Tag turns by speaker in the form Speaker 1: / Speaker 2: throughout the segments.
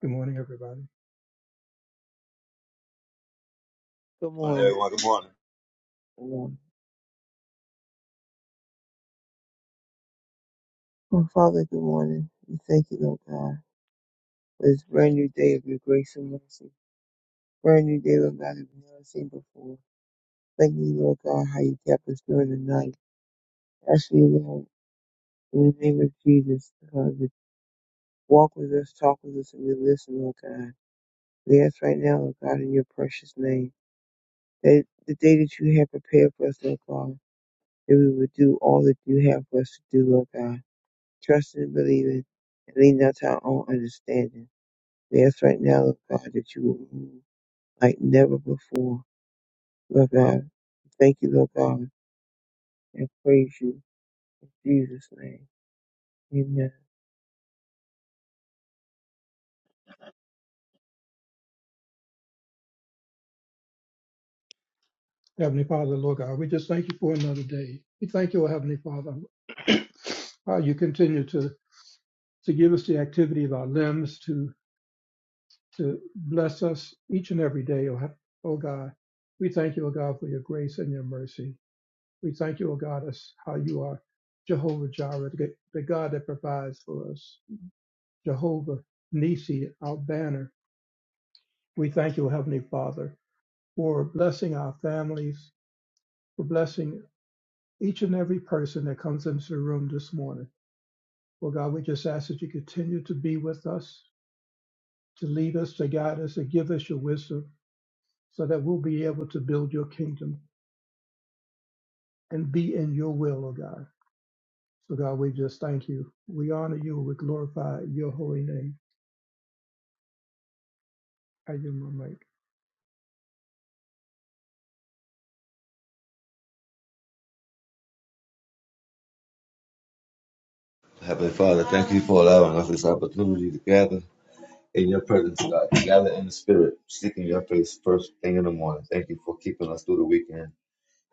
Speaker 1: Good morning, everybody.
Speaker 2: Good
Speaker 3: morning,
Speaker 2: morning.
Speaker 3: everyone. Good morning.
Speaker 2: Good morning. Oh, Father, good morning. We thank you, Lord God, for this brand new day of your grace and mercy. Brand new day, Lord God, that we've never seen before. Thank you, Lord God, how you kept us during the night. Ask you, Lord, in the name of Jesus, God, to walk with us, talk with us, and we listen, Lord God. We ask right now, Lord God, in your precious name, that the day that you have prepared for us, Lord God, that we would do all that you have for us to do, Lord God. Trusting and believing, and lean not to our own understanding. We ask right now, Lord God, that you will move like never before. Lord God, thank you, Lord God, and praise you in Jesus' name. Amen.
Speaker 1: Heavenly Father, Lord God, we just thank you for another day. We thank you, O Heavenly Father, how you continue to, to give us the activity of our limbs, to to bless us each and every day, O, Hea- O God. We thank you, O God, for your grace and your mercy. We thank you, O God, as how you are Jehovah Jireh, the the God that provides for us, Jehovah Nisi, our banner. We thank you, O Heavenly Father, for blessing our families, for blessing each and every person that comes into the room this morning. Well, God, we just ask that you continue to be with us, to lead us, to guide us, to give us your wisdom so that we'll be able to build your kingdom and be in your will, oh God. So, God, we just thank you. We honor you. We glorify your holy name. I give my mic.
Speaker 3: Heavenly Father, thank you for allowing us this opportunity to gather in your presence, God. To gather in the spirit, seeking your face first thing in the morning. Thank you for keeping us through the weekend.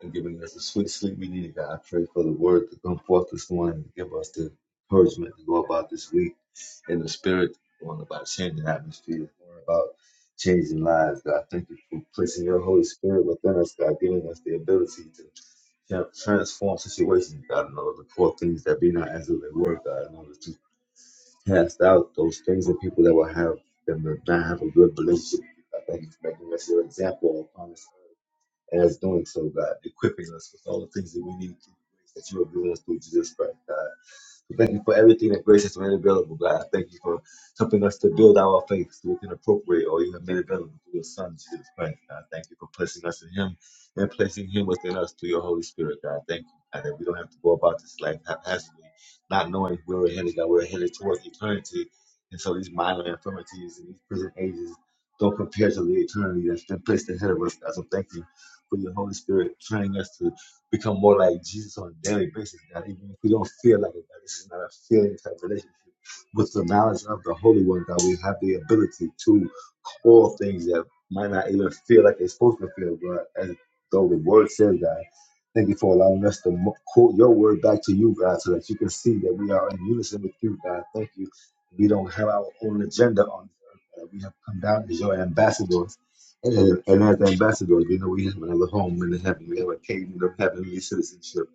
Speaker 3: and giving us the sweet sleep we need. God, I pray for the word to come forth this morning to give us the encouragement to go about this week in the spirit, going about changing atmosphere, going about changing lives. God, thank you for placing your Holy Spirit within us, God, giving us the ability to yeah, transform situations, God, in order to call things that be not as though they were, God, in order to cast out those things and people that will have them to not have a good relationship. with you. I thank you for making us your example upon this earth as doing so, God, equipping us with all the things that we need to do that you are doing us through Jesus Christ, God. We Thank you for everything that grace has made available, God. Thank you for helping us to build our faith so we can appropriate all you have made available through your Son, Jesus Christ, God. Thank you for placing us in Him and placing Him within us through your Holy Spirit, God. Thank you, God, that we don't have to go about this life haphazardly, not knowing where we're headed, God. We're headed towards eternity. And so these minor infirmities and these prison ages don't compare to the eternity that's been placed ahead of us, God. So thank you for your Holy Spirit training us to become more like Jesus on a daily basis, God. Even if we don't feel like it, God, this is not a feeling type relationship. With the knowledge of the Holy One, God, we have the ability to call things that might not even feel like they're supposed to feel, God, as though the Word says, God. Thank you for allowing us to mo- quote your word back to you, God, so that you can see that we are in unison with you, God. Thank you. We don't have our own agenda on this earth. God. We have come down as your ambassadors and, and as ambassadors, we know we have another home in the heaven. We have a kingdom of heavenly citizenship.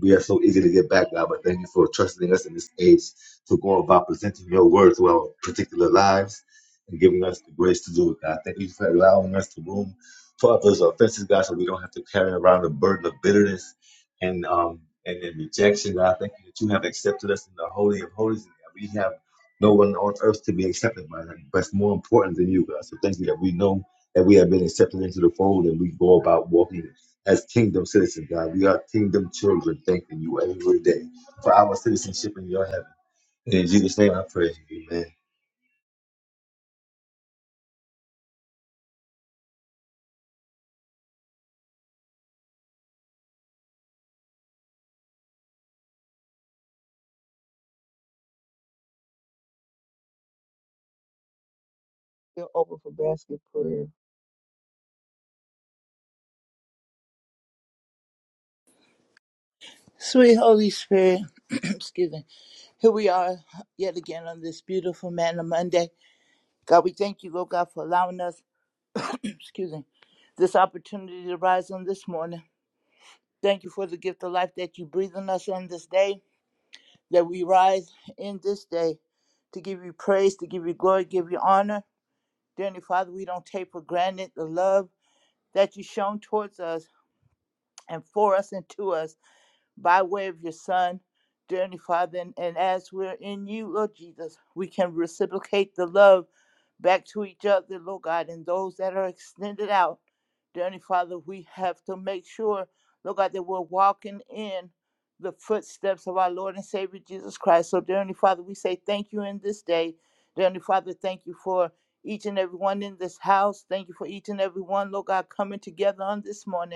Speaker 3: We are so easy to get back, God, but thank you for trusting us in this age to go about presenting your word to our particular lives and giving us the grace to do it, God. Thank you for allowing us to room for others' offenses, God, so we don't have to carry around the burden of bitterness and um and, and rejection, God. Thank you that you have accepted us in the holy of holies. and that We have no one on earth to be accepted by, but it's more important than you, God. So thank you that we know that we have been accepted into the fold and we go about walking as kingdom citizens, God. We are kingdom children, thanking you every day for our citizenship in your heaven. In Jesus' name I pray.
Speaker 2: Still open for basket prayer.
Speaker 4: Sweet Holy Spirit, excuse me, here we are yet again on this beautiful man Monday. God, we thank you, Lord God, for allowing us, excuse me, this opportunity to rise on this morning. Thank you for the gift of life that you breathe on us on this day, that we rise in this day to give you praise, to give you glory, give you honor. Dear Heavenly Father, we don't take for granted the love that you've shown towards us and for us and to us. by way of your Son, dear Heavenly Father. And, and as we're in you, Lord Jesus, we can reciprocate the love back to each other, Lord God, and those that are extended out. Dear Heavenly Father, we have to make sure, Lord God, that we're walking in the footsteps of our Lord and Savior Jesus Christ. So, dear Heavenly Father, we say thank you in this day. Dear Heavenly Father, thank you for each and every one in this house. Thank you for each and every one, Lord God, coming together on this morning.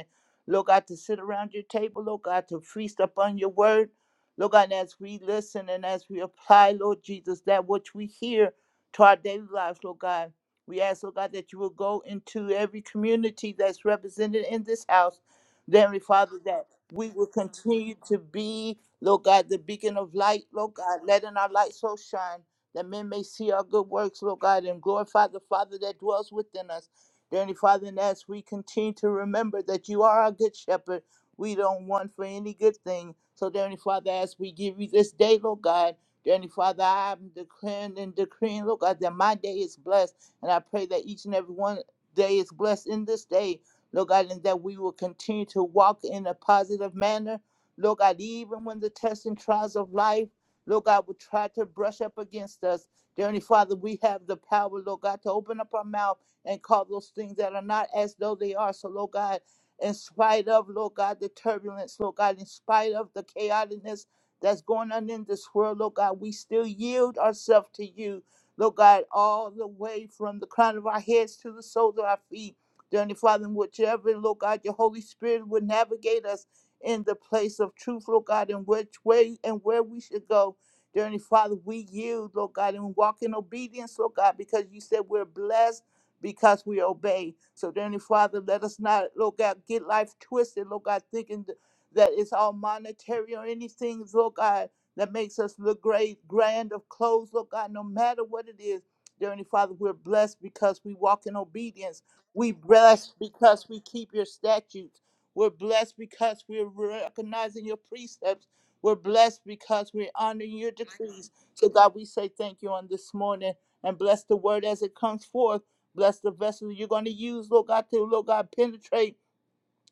Speaker 4: Lord God, to sit around your table, Lord God, to feast upon your word. Lord God, and as we listen and as we apply, Lord Jesus, that which we hear to our daily lives, Lord God. We ask, Lord God, that you will go into every community that's represented in this house. Then, Father, that we will continue to be, Lord God, the beacon of light, Lord God, letting our light so shine that men may see our good works, Lord God, and glorify the Father that dwells within us. Dear Heavenly Father, and as we continue to remember that you are our good shepherd, we don't want for any good thing. So, dear Heavenly Father, as we give you this day, Lord God, dear Heavenly Father, I'm declaring and decreeing, Lord God, that my day is blessed. And I pray that each and every one day is blessed in this day, Lord God, and that we will continue to walk in a positive manner. Lord God, even when the tests and trials of life, Lord God, will try to brush up against us. Dear Heavenly Father, we have the power, Lord God, to open up our mouth and call those things that are not as though they are. So, Lord God, in spite of, Lord God, the turbulence, Lord God, in spite of the chaoticness that's going on in this world, Lord God, we still yield ourselves to you, Lord God, all the way from the crown of our heads to the soles of our feet. Dearly Father, in whichever, Lord God, your Holy Spirit would navigate us in the place of truth, Lord God, in which way and where we should go. Dearly Father, we yield, Lord God, and walk in obedience, Lord God, because you said we're blessed because we obey. So, dear Heavenly Father, let us not, Lord God, get life twisted, Lord God, thinking th- that it's all monetary or anything, Lord God, that makes us look great, grand of clothes, Lord God, no matter what it is. Dear Heavenly Father, we're blessed because we walk in obedience. We blessed because we keep your statutes. We're blessed because we're recognizing your precepts. We're blessed because we're honoring your decrees. So, God, we say thank you on this morning and bless the word as it comes forth. Bless the vessel you're going to use, Lord God, to, Lord God, penetrate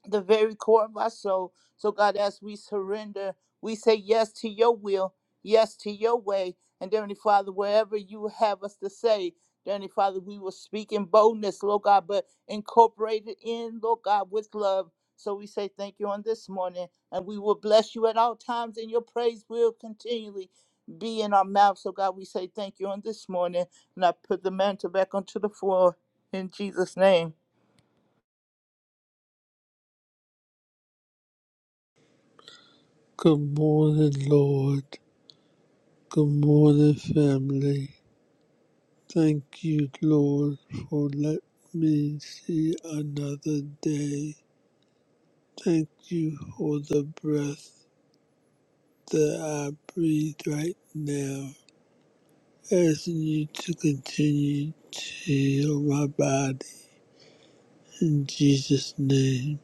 Speaker 4: the very core of our soul. So, God, as we surrender, we say yes to your will, yes to your way. And, dear Heavenly Father, wherever you have us to say, dear Heavenly Father, we will speak in boldness, Lord God, but incorporate it in, Lord God, with love. So we say thank you on this morning, and we will bless you at all times, and your praise will continually be in our mouth. So, God, we say thank you on this morning, and I put the mantle back onto the floor in Jesus' name.
Speaker 5: Good morning, Lord. Good morning, family. Thank you, Lord, for letting me see another day. Thank you for the breath that I breathe right now. Asking you to continue to heal my body. In Jesus' name,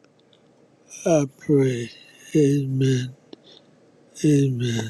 Speaker 5: I pray. Amen. Amen.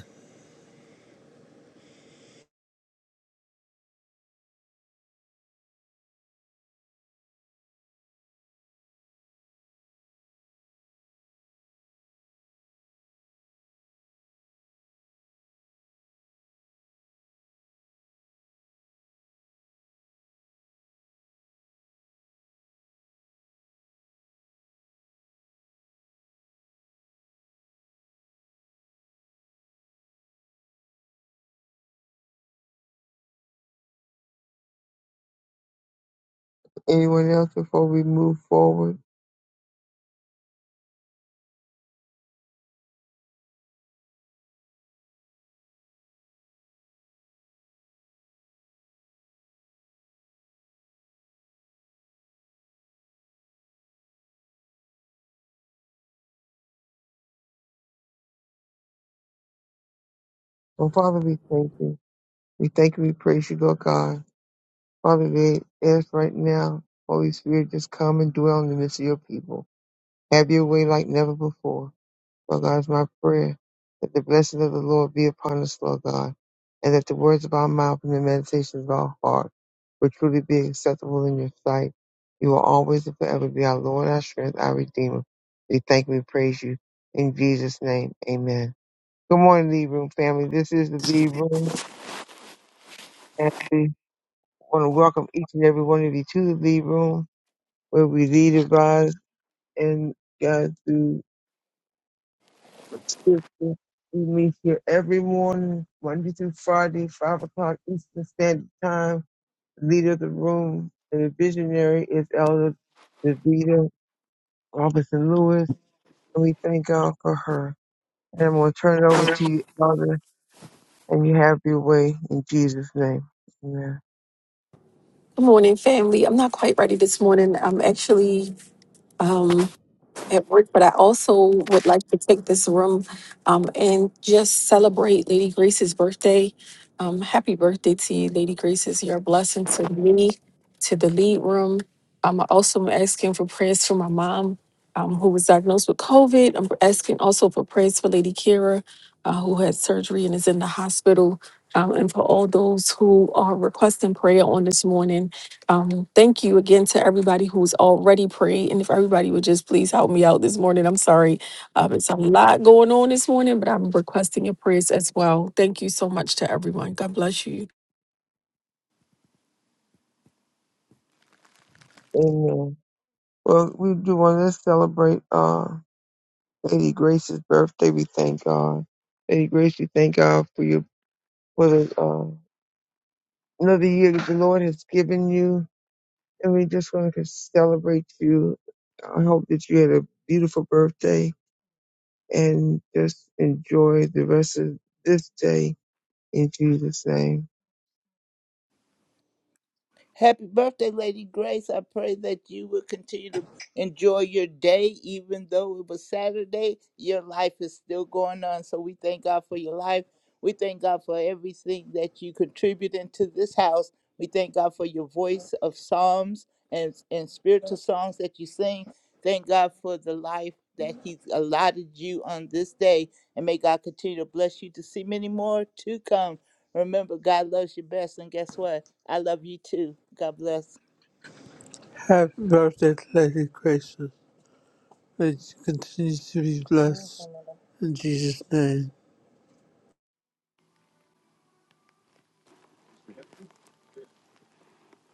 Speaker 2: Anyone else before we move forward? Oh, Father, we thank you. We thank you. We praise you, Lord God. Father, we ask right now, Holy Spirit, just come and dwell in the midst of your people. Have your way like never before. Lord God, is my prayer that the blessing of the Lord be upon us, Lord God, and that the words of our mouth and the meditations of our heart will truly be acceptable in your sight. You will always and forever be our Lord, our strength, our Redeemer. We thank and we praise you. In Jesus' name, amen. Good morning, Lead Room family. This is the Lead Room, and we want to welcome each and every one of you to the Lead Room, where we lead, advise, and guide through Houston. We meet here every morning, Monday through Friday, 5 o'clock Eastern Standard Time. The leader of the room and the visionary is Elder Davida Robinson Lewis, and we thank God for her. And I'm going to turn it over to you, Elder, and you have your way in Jesus' name. Amen.
Speaker 6: Good morning, family. I'm not quite ready this morning. I'm actually um, at work, but I also would like to take this room um, and just celebrate Lady Grace's birthday. Um, happy birthday to you, Lady Grace! You're a blessing to me, to the lead room. Um, I'm also asking for prayers for my mom, um, who was diagnosed with COVID. I'm asking also for prayers for Lady Kira, uh, who had surgery and is in the hospital, um, and for all those who are requesting prayer on this morning. Um, thank you again to everybody who's already prayed. And if everybody would just please help me out this morning, I'm sorry. Um, it's a lot going on this morning, but I'm requesting your prayers as well. Thank you so much to everyone. God bless you.
Speaker 2: Amen. Well, we do want to celebrate uh, Lady Grace's birthday. We thank God. Lady Grace, we thank God for your for the, uh, another year that the Lord has given you, and we just want to celebrate you. I hope that you had a beautiful birthday and just enjoy the rest of this day in Jesus' name.
Speaker 4: Happy birthday, Lady Grace. I pray that you will continue to enjoy your day, even though it was Saturday. Your life is still going on. So we thank God for your life. We thank God for everything that you contribute into this house. We thank God for your voice of psalms and, and spiritual songs that you sing. Thank God for the life that He's allotted you on this day. And may God continue to bless you to see many more to come. Remember, God loves you best. And guess what? I love you too. God bless.
Speaker 5: Happy birthday, Lady Gracious. May you continue to be blessed In Jesus' name.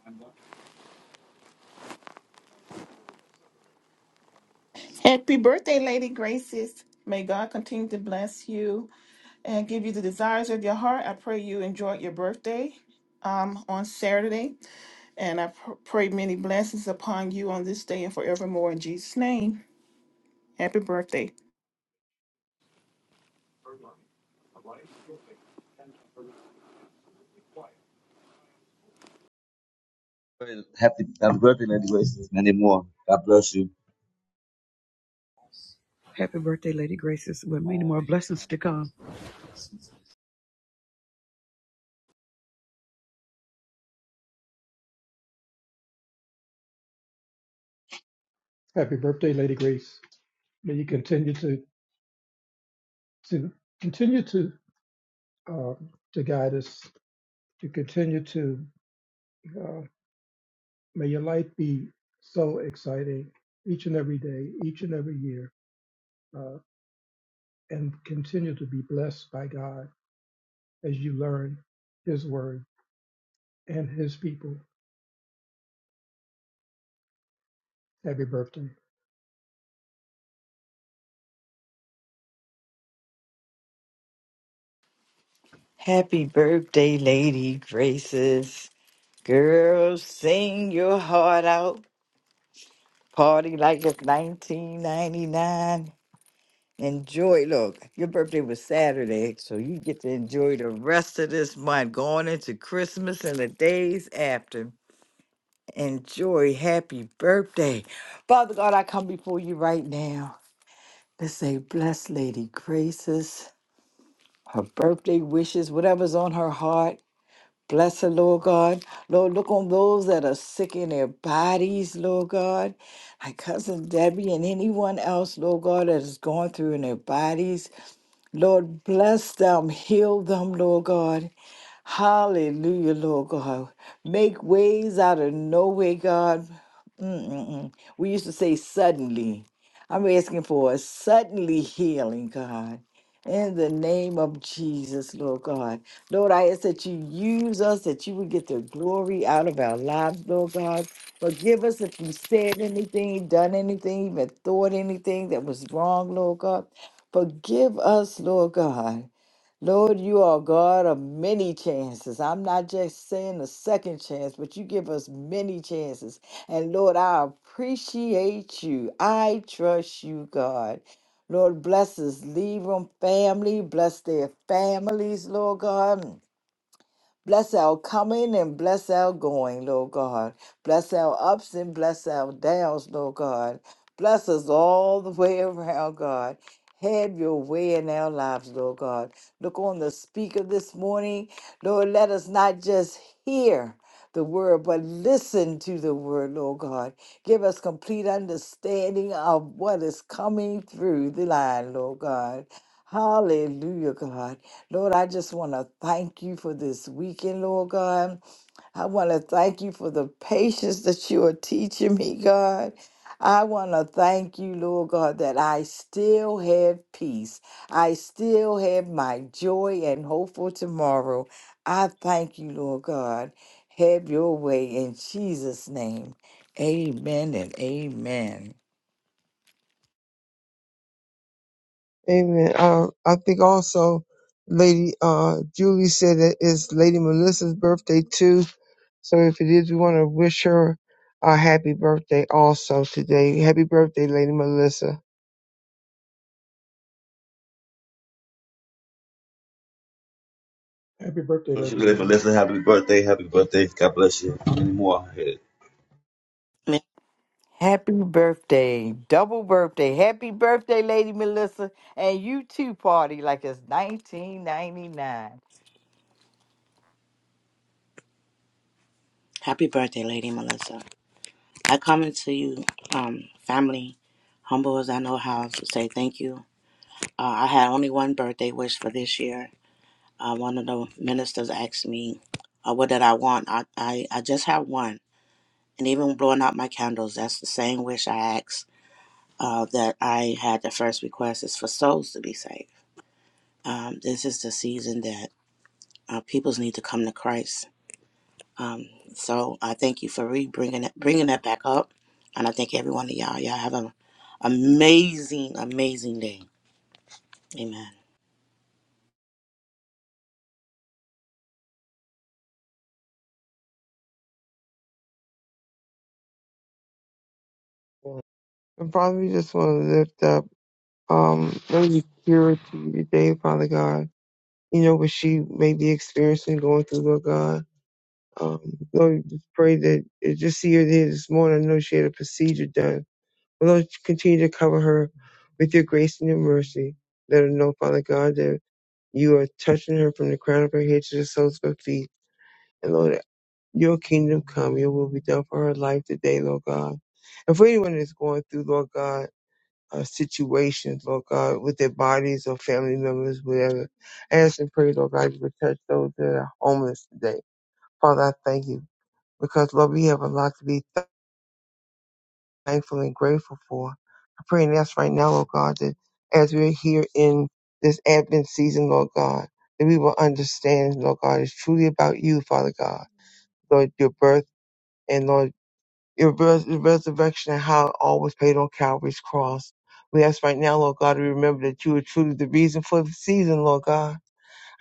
Speaker 7: I'm going.
Speaker 8: Happy birthday, Lady Graces. May God continue to bless you and give you the desires of your heart. I pray you enjoyed your birthday um, on Saturday, and I pr- pray many blessings upon you on this day and forevermore in Jesus' name. Happy birthday.
Speaker 3: Amen. Happy, happy birthday, Lady Grace. There's Many more. God bless you.
Speaker 9: Happy birthday, Lady Graces, with many more blessings to come.
Speaker 1: Happy birthday, Lady Grace. May you continue to, to continue to uh, to guide us, to continue to uh, May your life be so exciting each and every day, each and every year, uh, and continue to be blessed by God as you learn His word and His people. Happy birthday.
Speaker 10: Happy birthday, Lady Graces. Girl, sing your heart out. Party like it's 1999. Enjoy. Look, your birthday was Saturday, so you get to enjoy the rest of this month, going into Christmas and the days after. Enjoy. Happy birthday. Father God, I come before you right now. to say, bless Lady Graces, her birthday wishes, whatever's on her heart. Bless her, Lord God. Lord, look on those that are sick in their bodies, Lord God. My cousin Debbie and anyone else, Lord God, that is going through in their bodies. Lord, bless them, heal them, Lord God. Hallelujah, Lord God. Make ways out of no way, God. Mm-mm-mm. We used to say suddenly. I'm asking for a suddenly healing, God. In the name of Jesus, Lord God. Lord, I ask that you use us, that you would get the glory out of our lives, Lord God. Forgive us if we said anything, done anything, even thought anything that was wrong, Lord God. Forgive us, Lord God. Lord, you are God of many chances. I'm not just saying a second chance, but you give us many chances. And Lord, I appreciate you. I trust you, God. Lord, bless us, Libram family. Bless their families, Lord God. Bless our coming and bless our going, Lord God. Bless our ups and bless our downs, Lord God. Bless us all the way around, God. Have your way in our lives, Lord God. Look on the speaker this morning. Lord, let us not just hear the word, but listen to the word, Lord God. Give us complete understanding of what is coming through the line, Lord God. Hallelujah, God. Lord, I just want to thank you for this weekend, Lord God. I want to thank you for the patience that you are teaching me, God. I want to thank you, Lord God, that I still have peace. I still have my joy and hope for tomorrow. I thank you, Lord God. Have your way in Jesus' name. Amen and amen.
Speaker 2: Amen. Uh, I think also Lady uh, Julie said that it's Lady Melissa's birthday too. So if it is, we want to wish her a happy birthday also today. Happy birthday, Lady Melissa.
Speaker 1: Happy birthday,
Speaker 3: Bless you,
Speaker 1: Lady
Speaker 3: Lady
Speaker 1: Melissa.
Speaker 3: Melissa. Happy birthday. Happy birthday. God bless you. Many more. ahead.
Speaker 11: Ma-
Speaker 10: Happy birthday. Double birthday. Happy birthday, Lady Melissa. And you too, party like it's 1999.
Speaker 11: Happy birthday, Lady Melissa. I come into you, um, family, humble as I know how, to say thank you. Uh, I had only one birthday wish for this year. Uh, one of the ministers asked me, uh, What did I want? I, I, I just have one. And even blowing out my candles, that's the same wish I asked uh, that I had the first request is for souls to be saved. Um, this is the season that uh, peoples need to come to Christ Um, so I thank you for re bringing it, bringing that back up, and I thank every one of y'all. Y'all have an amazing, amazing day. Amen.
Speaker 2: And Father, we just want to lift up um Lady Kira to you today, Father God. You know what she may be experiencing going through, Lord God. Um, Lord, we just pray that uh, just see her there this morning. I know she had a procedure done. But Lord, continue to cover her with your grace and your mercy. Let her know, Father God, that you are touching her from the crown of her head to the soles of her feet. And Lord, your kingdom come, your will be done for her life today, Lord God. And for anyone that's going through, Lord God, uh, situations, Lord God, with their bodies or family members, whatever, I ask and pray, Lord God, you would touch those that are homeless today. Father, I thank you because, Lord, we have a lot to be thankful and grateful for. I pray and ask right now, Lord God, that as we're here in this Advent season, Lord God, that we will understand, Lord God, it's truly about you, Father God. Lord, your birth and Lord, your res- your resurrection and how it all was paid on Calvary's cross. We ask right now, Lord God, to remember that you are truly the reason for the season, Lord God.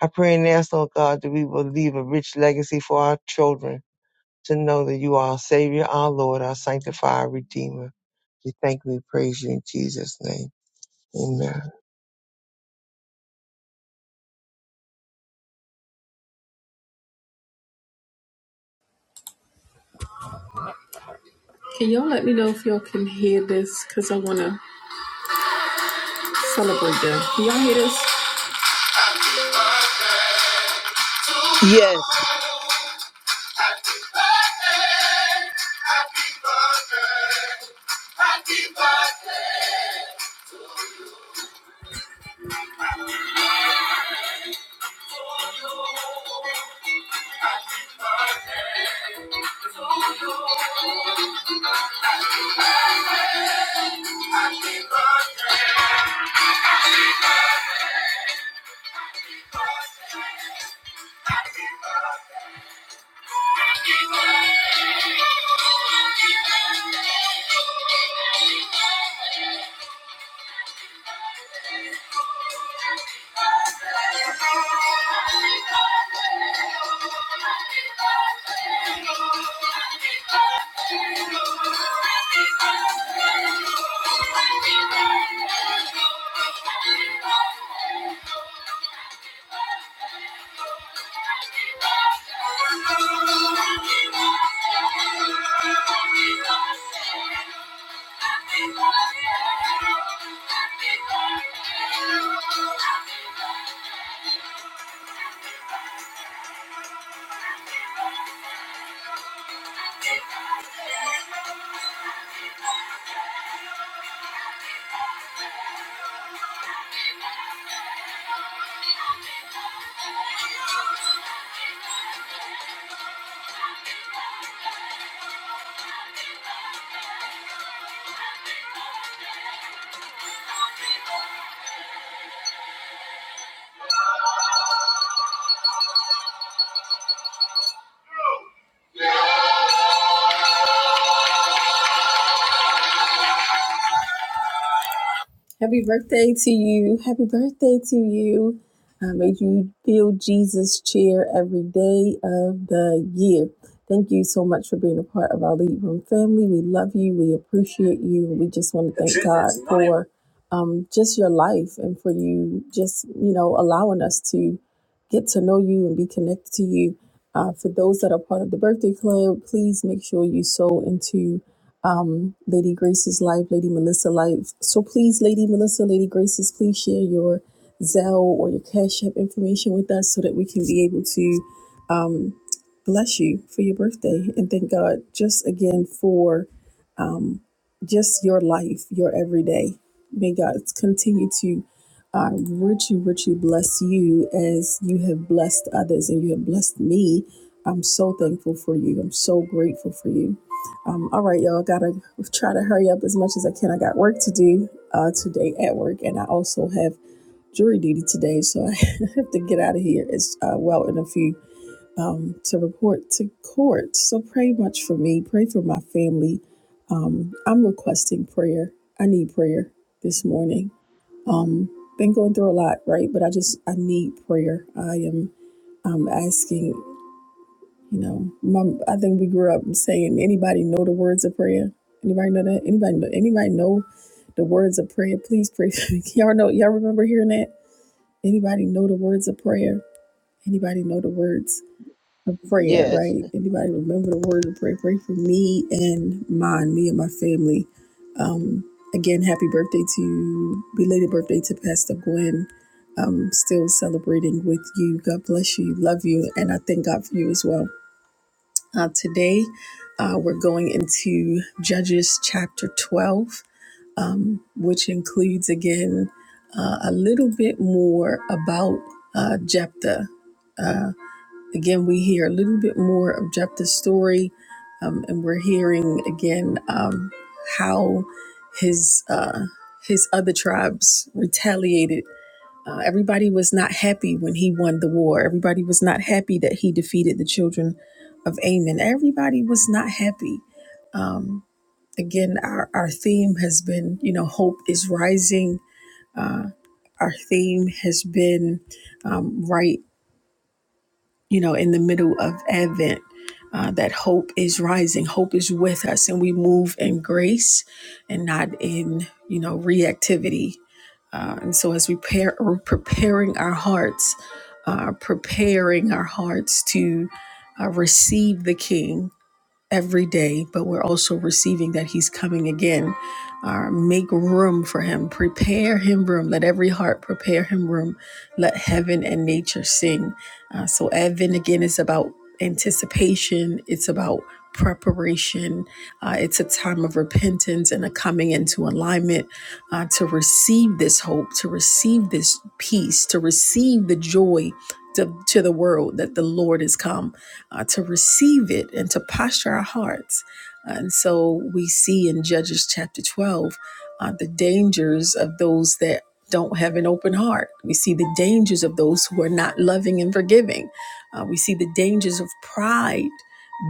Speaker 2: I pray and ask, Lord God, that we will leave a rich legacy for our children to know that you are our Savior, our Lord, our Sanctifier, Redeemer. We thank you, we praise you in Jesus' name. Amen.
Speaker 6: Celebrate them. Happy
Speaker 4: Yes,
Speaker 6: birthday. Happy birthday. Happy birthday. Happy birthday. Happy birthday. Happy birthday. Happy birthday to you. Happy birthday to you. Uh, may you feel Jesus' cheer every day of the year. Thank you so much for being a part of our Lead Room family. We love you. We appreciate you. We just want to thank God for um, just your life and for you just, you know, allowing us to get to know you and be connected to you. Uh, for those that are part of the birthday club, please make sure you sow into um, Lady Grace's life, Lady Melissa life. So please, Lady Melissa, Lady Grace's, please share your Zelle or your Cash App information with us so that we can be able to um, bless you for your birthday and thank God just again for um, just your life, your everyday. May God continue to uh, richly, richly bless you as you have blessed others and you have blessed me. I'm so thankful for you. I'm so grateful for you. Um, all right, y'all. Gotta try to hurry up as much as I can. I got work to do uh, today at work, and I also have jury duty today, so I have to get out of here as uh, well in a few um, to report to court. So pray much for me. Pray for my family. Um, I'm requesting prayer. I need prayer this morning. Um, been going through a lot, right? But I just I need prayer. I am um, asking. You know, my, I think we grew up saying, anybody know the words of prayer? Anybody know that? Anybody know, anybody know the words of prayer? Please pray for me. Y'all know, y'all remember hearing that? Anybody know the words of prayer? Anybody know the words of prayer,
Speaker 4: yes.
Speaker 6: right? Anybody remember the words of prayer? Pray for me and mine, me and my family. Um, again, happy birthday to, belated birthday to Pastor Gwen. Um, still celebrating with you. God bless you. Love you. And I thank God for you as well. Uh, today, uh, we're going into Judges chapter 12, um, which includes again uh, a little bit more about uh, Jephthah. Uh, again, we hear a little bit more of Jephthah's story, um, and we're hearing again um, how his uh, his other tribes retaliated uh, everybody was not happy when he won the war. Everybody was not happy that he defeated the children of Ammon. Everybody was not happy. Um, again, our, our theme has been, you know, hope is rising. Uh, our theme has been um, right you know, in the middle of Advent, uh, that hope is rising, hope is with us, and we move in grace and not in, you know, reactivity. Uh, and so, as we pair, we're preparing our hearts, uh, preparing our hearts to uh, receive the King, every day, but we're also receiving that He's coming again. Uh, make room for Him, prepare Him room, let every heart prepare Him room, let heaven and nature sing. Uh, so, Advent again is about anticipation, it's about preparation, uh, it's a time of repentance and a coming into alignment uh, to receive this hope, to receive this peace, to receive the joy. To, to the world that the Lord has come uh, to receive it and to posture our hearts. And so we see in Judges chapter 12 uh, the dangers of those that don't have an open heart. We see the dangers of those who are not loving and forgiving. Uh, we see the dangers of pride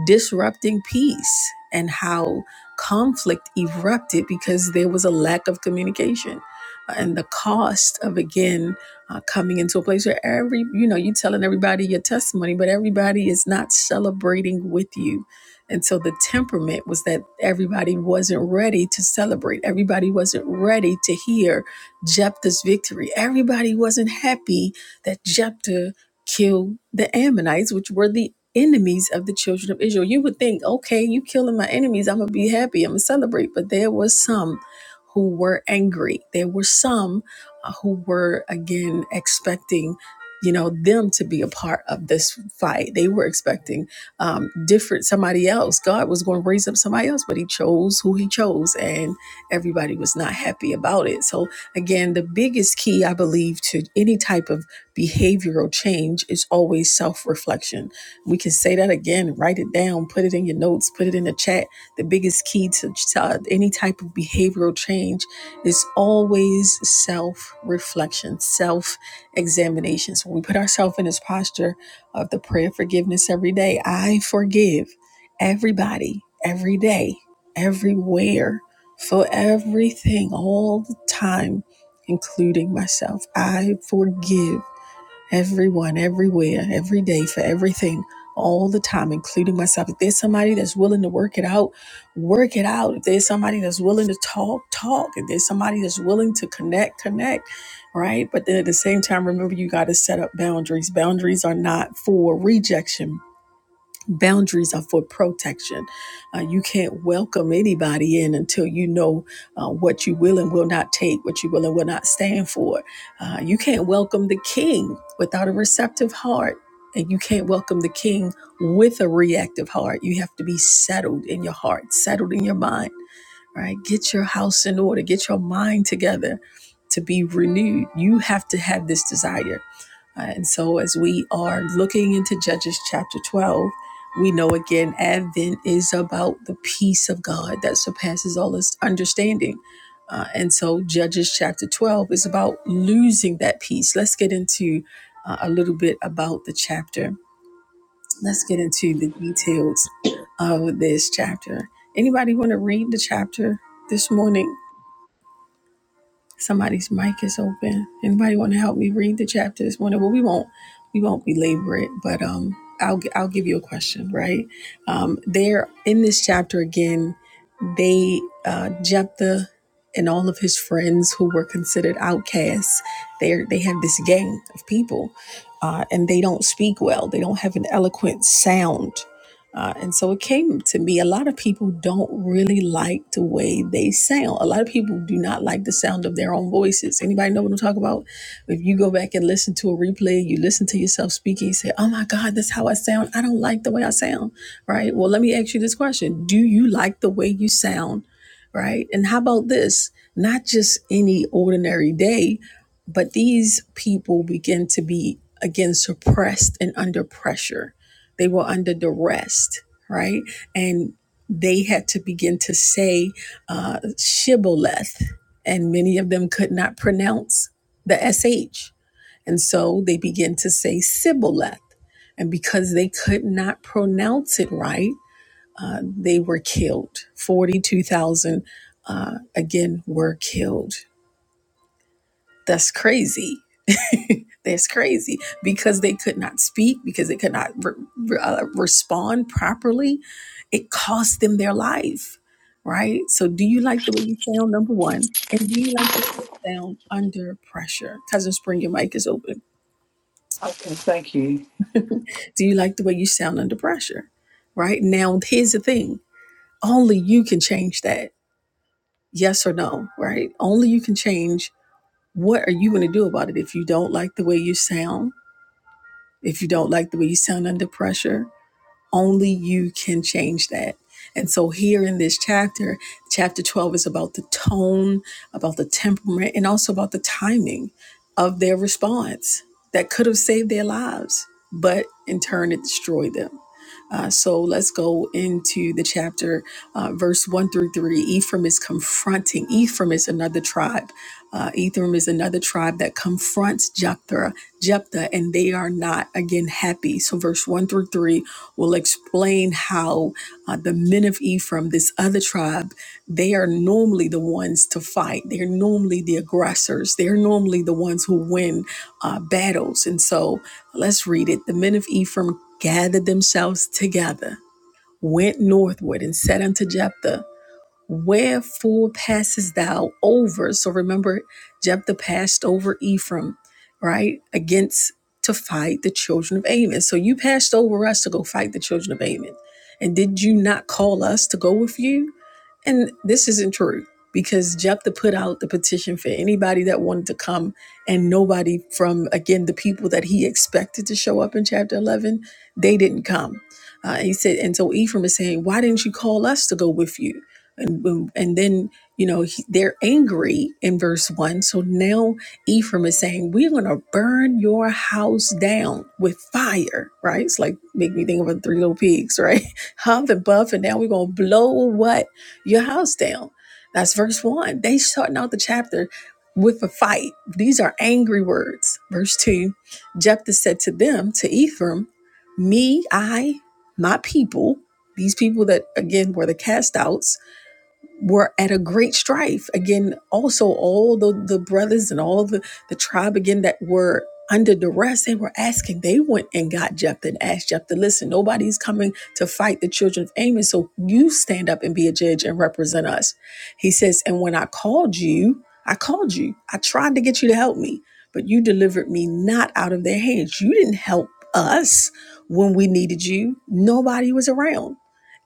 Speaker 6: disrupting peace and how conflict erupted because there was a lack of communication Uh, and the cost of again uh, coming into a place where every you know you're telling everybody your testimony but everybody is not celebrating with you and so the temperament was that everybody wasn't ready to celebrate everybody wasn't ready to hear jephthah's victory everybody wasn't happy that jephthah killed the ammonites which were the enemies of the children of israel you would think okay you killing my enemies i'm gonna be happy i'm gonna celebrate but there was some who were angry there were some who were again expecting you know them to be a part of this fight they were expecting um different somebody else god was going to raise up somebody else but he chose who he chose and everybody was not happy about it so again the biggest key i believe to any type of behavioral change is always self-reflection we can say that again write it down put it in your notes put it in the chat the biggest key to, to any type of behavioral change it's always self reflection, self examination. So when we put ourselves in this posture of the prayer of forgiveness every day, I forgive everybody, every day, everywhere, for everything, all the time, including myself. I forgive everyone, everywhere, every day, for everything, all the time, including myself. If there's somebody that's willing to work it out, work it out. If there's somebody that's willing to talk, talk. If there's somebody that's willing to connect, connect, right? But then at the same time, remember you got to set up boundaries. Boundaries are not for rejection, boundaries are for protection. Uh, you can't welcome anybody in until you know uh, what you will and will not take, what you will and will not stand for. Uh, you can't welcome the king without a receptive heart. And you can't welcome the king with a reactive heart. You have to be settled in your heart, settled in your mind, right? Get your house in order, get your mind together to be renewed. You have to have this desire uh, And so, as we are looking into Judges chapter 12, we know again Advent is about the peace of God that surpasses all this understanding. Uh, and so, Judges chapter 12 is about losing that peace. Let's get into uh, a little bit about the chapter. Let's get into the details of this chapter. Anybody want to read the chapter this morning? Somebody's mic is open. Anybody want to help me read the chapter this morning? Well, we won't we won't belabor it, but um, I'll I'll give you a question. Right um, there in this chapter again, they uh, Jephthah and all of his friends who were considered outcasts. They are they have this gang of people, uh, and they don't speak well. They don't have an eloquent sound uh, and so it came to me. A lot of people don't really like the way they sound. A lot of people do not like the sound of their own voices. Anybody know what I'm talking about? If you go back and listen to a replay, you listen to yourself speaking, you say, Oh my God, that's how I sound. I don't like the way I sound. Right? Well, let me ask you this question Do you like the way you sound? Right? And how about this? Not just any ordinary day, but these people begin to be, again, suppressed and under pressure they were under duress, right? And they had to begin to say uh, shibboleth, and many of them could not pronounce the sh, and so they began to say sibboleth, and because they could not pronounce it right, uh, they were killed. Forty-two thousand uh, again were killed that's crazy. That's crazy because they could not speak, because they could not re- re- uh, respond properly. It cost them their life, right? So, do you like the way you sound, number one? And do you like the way you sound under pressure? Cousin Spring, your mic is open.
Speaker 10: Okay, thank you.
Speaker 6: do you like the way you sound under pressure, right? Now, here's the thing only you can change that. Yes or no, right? Only you can change what are you going to do about it if you don't like the way you sound If you don't like the way you sound under pressure, only you can change that. And so, here in this chapter, chapter 12 is about the tone, about the temperament, and also about the timing of their response that could have saved their lives, but in turn, it destroyed them. Uh, so let's go into the chapter, uh, verse 1 through 3. Ephraim is confronting. Ephraim is another tribe. Uh, Ephraim is another tribe that confronts Jephthah, Jephthah, and they are not, again, happy. So, verse 1 through 3 will explain how uh, the men of Ephraim, this other tribe, they are normally the ones to fight. They're normally the aggressors. They're normally the ones who win uh, battles. And so let's read it. The men of Ephraim gathered themselves together, went northward, and said unto Jephthah, Wherefore passes thou over? So remember, Jephthah passed over Ephraim, right? Against to fight the children of Ammon. So you passed over us to go fight the children of Ammon. And did you not call us to go with you? And this isn't true because Jephthah put out the petition for anybody that wanted to come, and nobody from, again, the people that he expected to show up in chapter 11, they didn't come. Uh, he said, and so Ephraim is saying, Why didn't you call us to go with you? and boom. and then you know he, they're angry in verse one. So now Ephraim is saying, "We're going to burn your house down with fire." Right? It's like make me think of the three little pigs, right? Huff and puff, and now we're going to blow what your house down. That's verse one. They starting out the chapter with a fight. These are angry words. Verse two, Jephthah said to them, to Ephraim, "Me, I, my people." These people that again were the cast outs were at a great strife again also all the the brothers and all the the tribe again that were under duress they were asking they went and got jephthah and asked jephthah listen nobody's coming to fight the children of ammon so you stand up and be a judge and represent us he says and when i called you i called you i tried to get you to help me but you delivered me not out of their hands you didn't help us when we needed you nobody was around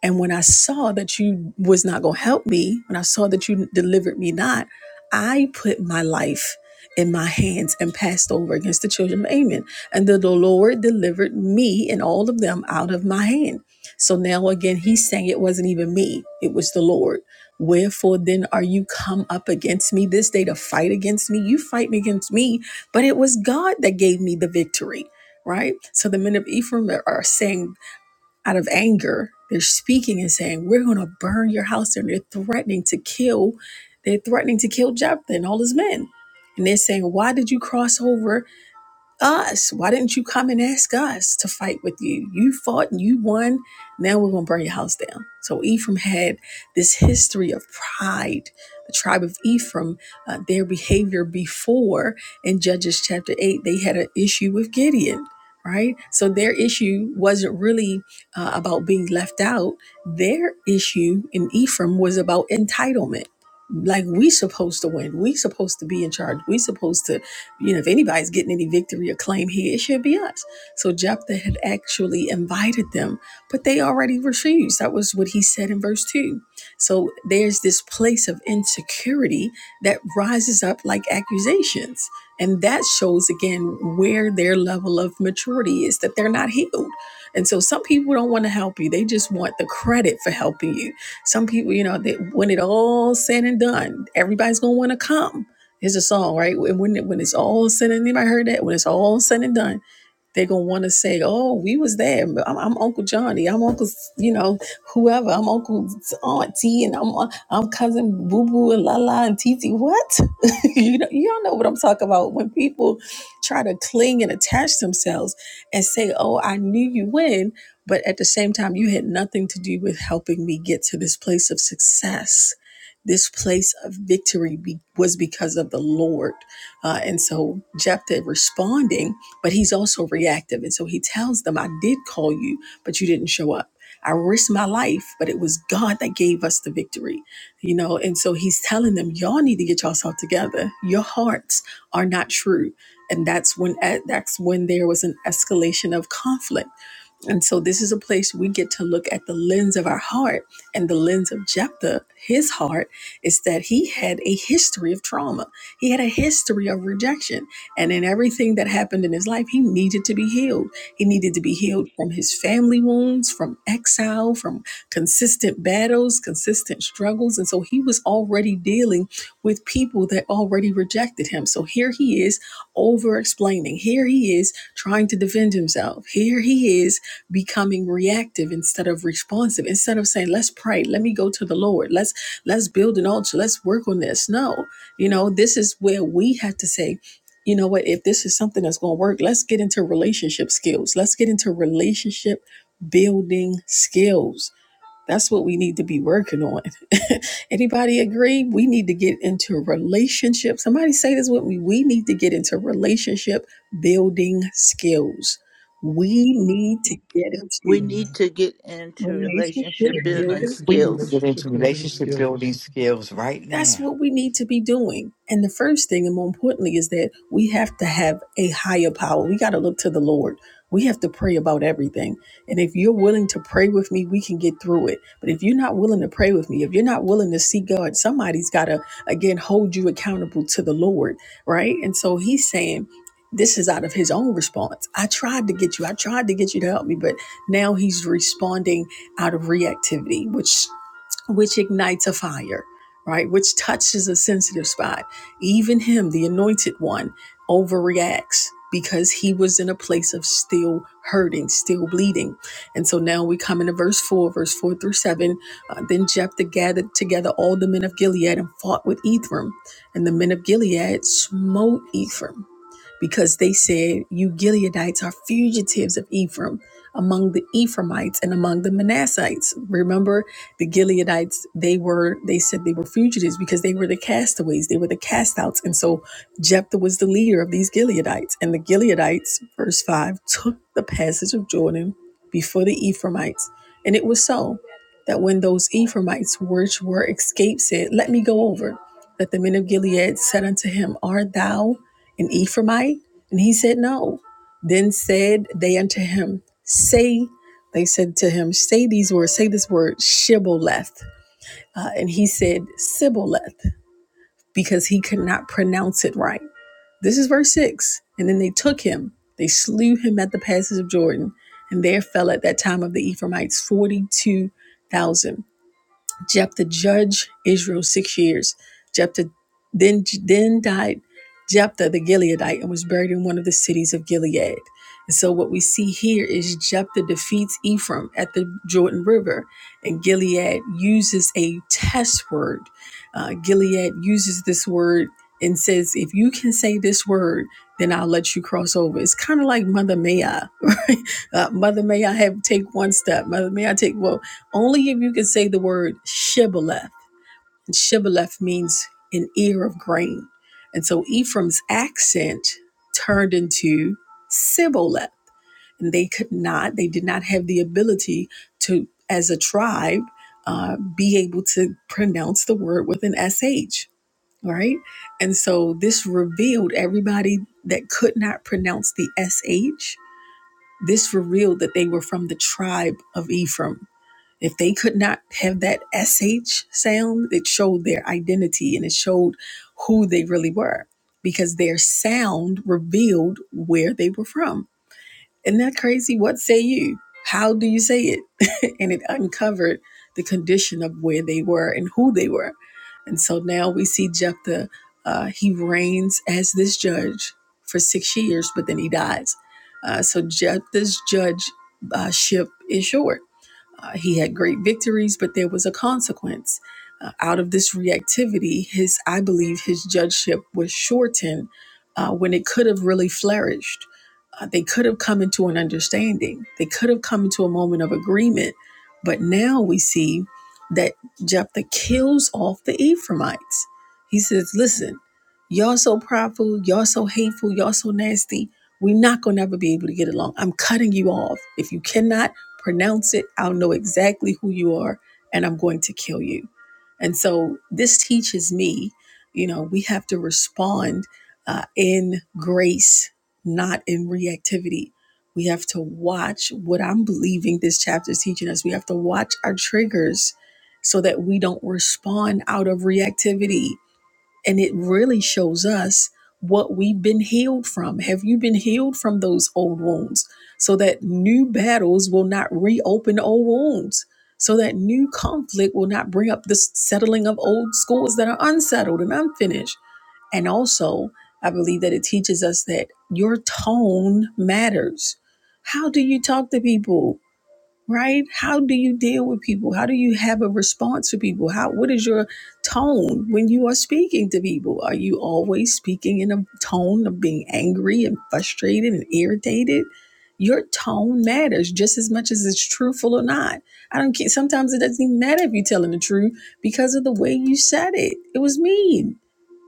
Speaker 6: and when I saw that you was not going to help me, when I saw that you delivered me not, I put my life in my hands and passed over against the children of Ammon. And the, the Lord delivered me and all of them out of my hand. So now again, he's saying it wasn't even me, it was the Lord. Wherefore then are you come up against me this day to fight against me? You fighting against me, but it was God that gave me the victory, right? So the men of Ephraim are are saying out of anger. They're speaking and saying, We're going to burn your house down. They're threatening to kill. They're threatening to kill Jephthah and all his men. And they're saying, Why did you cross over? us. Why didn't you come and ask us to fight with you? You fought and you won. Now we're going to burn your house down. So Ephraim had this history of pride. The tribe of Ephraim, uh, their behavior before in Judges chapter 8, they had an issue with Gideon, right? So their issue wasn't really uh, about being left out. Their issue in Ephraim was about entitlement. Like we supposed to win. We supposed to be in charge. We supposed to you know, if anybody's getting any victory or claim here, it should be us. So Jephthah had actually invited them, but they already refused. That was what he said in verse 2. So there's this place of insecurity that rises up like accusations. And that shows again where their level of maturity is that they're not healed. And so some people don't want to help you. They just want the credit for helping you. Some people, you know, that when it all said and done, everybody's going to want to come. It's a song, right? When when it's all said and done, anybody heard that? When it's all said and done, they're gonna want to say, "Oh, we was there. I'm, I'm Uncle Johnny. I'm Uncle, you know, whoever. I'm Uncle Auntie, and I'm uh, I'm cousin Boo Boo and La La and Titi. What? you know, y'all know what I'm talking about when people try to cling and attach themselves and say, "Oh, I knew you when," but at the same time, you had nothing to do with helping me get to this place of success. This place of victory be, was because of the Lord, uh, and so Jephthah responding but he's also reactive. And so he tells them, I did call you, but you didn't show up. I risked my life, but it was God that gave us the victory, you know? And so he's telling them, y'all need to get yourself together. Your hearts are not true. And that's when, eh, that's when there was an escalation of conflict and so this is a place we get to look at the lens of our heart and the lens of Jephthah, his heart, is that he had a history of trauma. He had a history of rejection. And in everything that happened in his life, he needed to be healed. He needed to be healed from his family wounds, from exile, from consistent battles, consistent struggles. And so he was already dealing with people that already rejected him. So here he is over explaining. Here he is trying to defend himself. Here he is becoming reactive instead of responsive instead of saying let's pray let me go to the lord let's let's build an altar let's work on this no you know this is where we have to say you know what if this is something that's going to work let's get into relationship skills let's get into relationship building skills that's what we need to be working on. Anybody agree? We need to get into relationship. Somebody say this with me. We need to get into relationship building skills. We need to get
Speaker 4: We
Speaker 6: into
Speaker 4: need
Speaker 1: Amen.
Speaker 4: to get into
Speaker 6: relationship
Speaker 1: We
Speaker 4: relationship
Speaker 1: need to
Speaker 4: building
Speaker 6: building
Speaker 1: get
Speaker 10: We
Speaker 1: into
Speaker 6: skills.
Speaker 10: need to
Speaker 4: skills.
Speaker 10: get into
Speaker 1: relationship building
Speaker 10: relationship building
Speaker 1: skills.
Speaker 10: skills right
Speaker 6: That's
Speaker 10: now.
Speaker 6: what we need to be doing. And the first thing, and more importantly, is that we have to have a higher power. We got to look to the Lord. We have to pray about everything. And if you're willing to pray with me, we can get through it. But if you're not willing to pray with me, if you're not willing to see God, somebody's got to, again, hold you accountable to the Lord, right? And so he's saying, this is out of his own response. I tried to get you. I tried to get you to help me, but now he's responding out of reactivity, which which ignites a fire, right? Which touches a sensitive spot. Even him, the anointed one, overreacts because he was in a place of still hurting, still bleeding. And so now we come into verse 4, verse 4 through 7. Uh, then Jephthah gathered together all the men of Gilead and fought with Ephraim. And the men of Gilead smote Ephraim because they said, You Gileadites are fugitives of Ephraim among the Ephraimites and among the Manassites. Remember the Gileadites, they were, they said they were fugitives because they were the castaways, they were the castouts. And so Jephthah was the leader of these Gileadites. And the Gileadites, verse 5, took the passage of Jordan before the Ephraimites. And it was so that when those Ephraimites which were escaped said, Let me go over, that the men of Gilead said unto him, Art thou? an Ephraimite? And he said, No. Then said they unto him, Say, they said to him, Say these words, say this word, Shibboleth. Uh, and he said, Sibboleth, because he could not pronounce it right. This is verse 6. And then they took him, they slew him at the passes of Jordan, and there fell at that time of the Ephraimites 42,000. Je Jephthah judged Israel six years. Jephthah then then died Jephthah the Gileadite and was buried in one of the cities of Gilead. And so what we see here is Jephthah defeats Ephraim at the Jordan River, and Gilead uses a test word. Uh, Gilead uses this word and says, "If you can say this word." Then I'll let you cross over. It's kind of like Mother May I, right? Uh, Mother May I have take one step. Mother May I take well only if you can say the word shibboleth. And shibboleth means an ear of grain. And so Ephraim's accent turned into sibboleth. And they could not, they did not have the ability to, as a tribe, uh, be able to pronounce the word with an SH, right? And so this revealed everybody that could not pronounce the SH, this revealed that they were from the tribe of Ephraim if they could not have that SH sound, it showed their identity and it showed who they really were because their sound revealed where they were from. Isn't that crazy? What say you? How do you say it? and it uncovered the condition of where they were and who they were. And so now we see Jephthah, uh, he reigns as this judge for six years, but then he dies. Uh, so Jephthah's judgeship uh, is short uh, he had great victories, but there was a consequence. Uh, out of this reactivity, his I believe his judgeship was shortened uh, when it could have really flourished. Uh, they could have come into an understanding. They could have come into a moment of agreement. But now we see that Jephthah kills off the Ephraimites. He says, "Listen, y'all so prideful, y'all so hateful, y'all so nasty. We're not gonna ever be able to get along. I'm cutting you off. If you cannot." Pronounce it. I'll know exactly who you are, and I'm going to kill you. And so this teaches me, you know, we have to respond uh, in grace, not in reactivity. We have to watch what I'm believing this chapter is teaching us. We have to watch our triggers so that we don't respond out of reactivity and it really shows us what we've been healed from. Have you been healed from those old wounds so that new battles will not reopen old wounds? So that new conflict will not bring up the settling of old scores that are unsettled and unfinished. And also, I believe that it teaches us that your tone matters. How do you talk to people? right how do you deal with people how do you have a response to people how what is your tone when you are speaking to people are you always speaking in a tone of being angry and frustrated and irritated your tone matters just as much as it's truthful or not i don't care sometimes it doesn't even matter if you're telling the truth because of the way you said it it was mean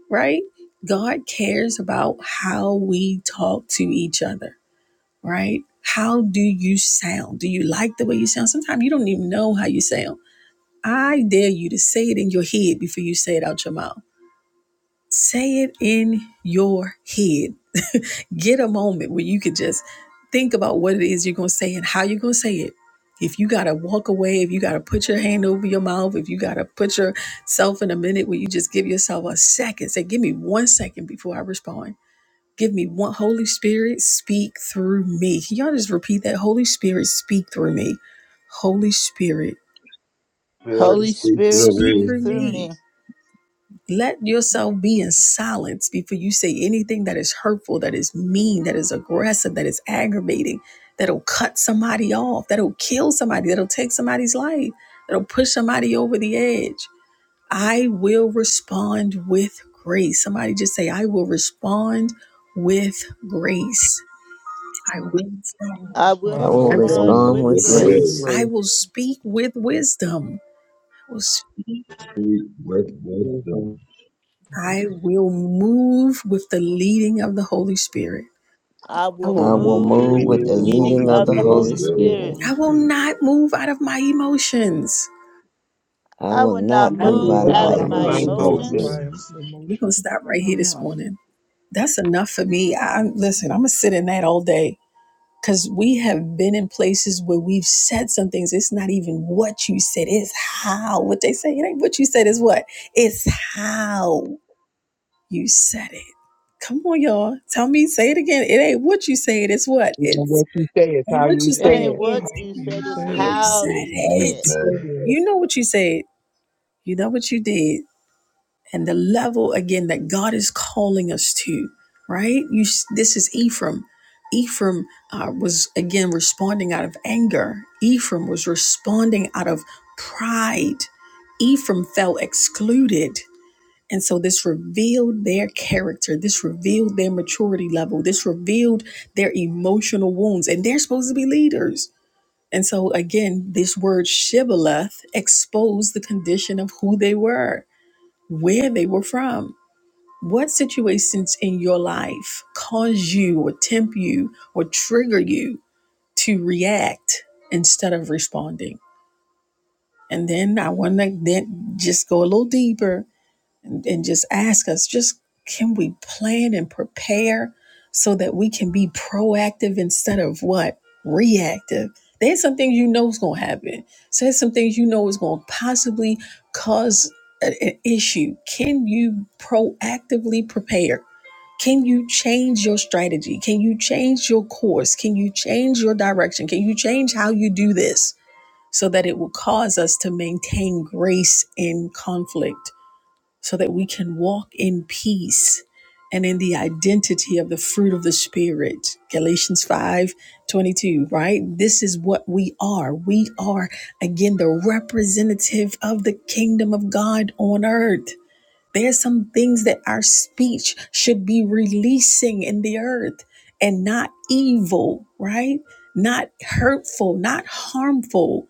Speaker 6: right god cares about how we talk to each other right? How do you sound? Do you like the way you sound? Sometimes you don't even know how you sound. I dare you to say it in your head before you say it out your mouth. Say it in your head. Get a moment where you can just think about what it is you're going to say and how you're going to say it. If you got to walk away, if you got to put your hand over your mouth, if you got to put yourself in a minute where you just give yourself a second, say, give me one second before I respond Give me one Holy Spirit, speak through me. Can y'all just repeat that? Holy Spirit, speak through me. Holy Spirit,
Speaker 3: Spirit,
Speaker 1: Holy
Speaker 4: Holy
Speaker 1: Spirit,
Speaker 3: speak
Speaker 4: Spirit,
Speaker 3: through
Speaker 6: speak
Speaker 4: speak
Speaker 3: me.
Speaker 6: through
Speaker 1: let
Speaker 4: through
Speaker 1: me
Speaker 6: me.
Speaker 4: me.
Speaker 6: Let yourself be in silence before you say anything that is hurtful, that is mean, that is aggressive, that is aggravating, that'll cut somebody off, that'll kill somebody, that'll take somebody's life, that'll push somebody over the edge. I will respond with grace. Somebody just say, I will respond with grace. I will. respond
Speaker 4: I will
Speaker 3: I
Speaker 12: I
Speaker 1: respond
Speaker 3: will
Speaker 1: with
Speaker 12: will
Speaker 10: I give you
Speaker 4: respond
Speaker 3: respond
Speaker 1: grace.
Speaker 12: respond
Speaker 4: with
Speaker 12: with
Speaker 3: with
Speaker 2: We
Speaker 10: praise.
Speaker 3: grace.
Speaker 4: grace.
Speaker 12: grace.
Speaker 6: I
Speaker 2: praise
Speaker 6: will speak with wisdom. I will speak.
Speaker 3: Speak with
Speaker 2: you, Jesus.
Speaker 3: wisdom.
Speaker 6: I will move with the leading of the Holy Spirit.
Speaker 4: I
Speaker 10: I
Speaker 4: will
Speaker 10: will
Speaker 12: I will
Speaker 10: move.
Speaker 2: The
Speaker 4: move
Speaker 3: Believe
Speaker 1: I
Speaker 12: move
Speaker 4: with
Speaker 1: will
Speaker 4: the
Speaker 2: meaning
Speaker 12: with the
Speaker 2: of the
Speaker 1: move
Speaker 4: leading
Speaker 12: leading
Speaker 2: Holy
Speaker 1: with the
Speaker 12: of
Speaker 3: in the
Speaker 4: of
Speaker 12: the
Speaker 4: the
Speaker 3: Holy
Speaker 2: Spirit.
Speaker 12: Holy
Speaker 4: Holy
Speaker 1: leading of the
Speaker 3: Spirit.
Speaker 12: Spirit.
Speaker 4: Spirit.
Speaker 1: Holy
Speaker 6: I will
Speaker 1: Spirit.
Speaker 6: not move out of my emotions.
Speaker 12: I
Speaker 4: I
Speaker 12: will
Speaker 4: will not
Speaker 12: not
Speaker 1: I
Speaker 10: Not be
Speaker 12: move
Speaker 1: will
Speaker 4: move
Speaker 12: out of
Speaker 3: Move
Speaker 10: why
Speaker 1: not
Speaker 4: out
Speaker 12: my
Speaker 3: out
Speaker 10: I
Speaker 4: of
Speaker 3: of
Speaker 4: my
Speaker 3: my
Speaker 2: My
Speaker 1: move
Speaker 10: remove
Speaker 12: emotion.
Speaker 1: out of
Speaker 2: emotions.
Speaker 4: emotions.
Speaker 10: things.
Speaker 1: my
Speaker 3: emotions.
Speaker 6: We're gonna
Speaker 1: emotions.
Speaker 6: stop right here this
Speaker 10: Yeah.
Speaker 6: morning. That's enough for me. I listen, I'm gonna sit in that all day. Cause we have been in places where we've said some things. It's not even what you said, it's how. What they say, it ain't what you said is what? It's how. You said it. Come on, y'all. Tell me, say it again. It ain't what you say it, it's what?
Speaker 2: You
Speaker 6: It's
Speaker 2: what you say is how
Speaker 6: what
Speaker 2: you
Speaker 6: you
Speaker 4: It
Speaker 2: say
Speaker 6: said.
Speaker 1: It's
Speaker 4: ain't
Speaker 2: it.
Speaker 4: what
Speaker 6: It's
Speaker 4: you
Speaker 1: how you
Speaker 4: said, it's
Speaker 1: say
Speaker 6: how
Speaker 3: Hey,
Speaker 1: it.
Speaker 3: what
Speaker 6: you
Speaker 3: you
Speaker 4: how
Speaker 3: say
Speaker 6: said
Speaker 4: you
Speaker 3: is how you
Speaker 4: say
Speaker 6: it.
Speaker 4: it.
Speaker 2: say
Speaker 3: said.
Speaker 2: it.
Speaker 6: You know what you said. You know what you did. And the level again that God is calling us to, right? You this is Ephraim. Ephraim uh, was again responding out of anger. Ephraim was responding out of pride. Ephraim felt excluded. And so this revealed their character. This revealed their maturity level. This revealed their emotional wounds. And they're supposed to be leaders. And so again, this word shibboleth exposed the condition of who they were, where they were from. What situations in your life cause you or tempt you or trigger you to react instead of responding? And then I want to then just go a little deeper and, and just ask us just can we plan and prepare so that we can be proactive instead of what reactive there's some things you know is going to happen so there's some things you know is going to possibly cause a- an issue can you proactively prepare can you change your strategy can you change your course can you change your direction can you change how you do this so that it will cause us to maintain grace in conflict so that we can walk in peace and in the identity of the fruit of the Spirit. Galatians 5 22. right? This is what we are. We are, again, the representative of the kingdom of God on earth. There are some things that our speech should be releasing in the earth and not evil, right? Not hurtful, not harmful.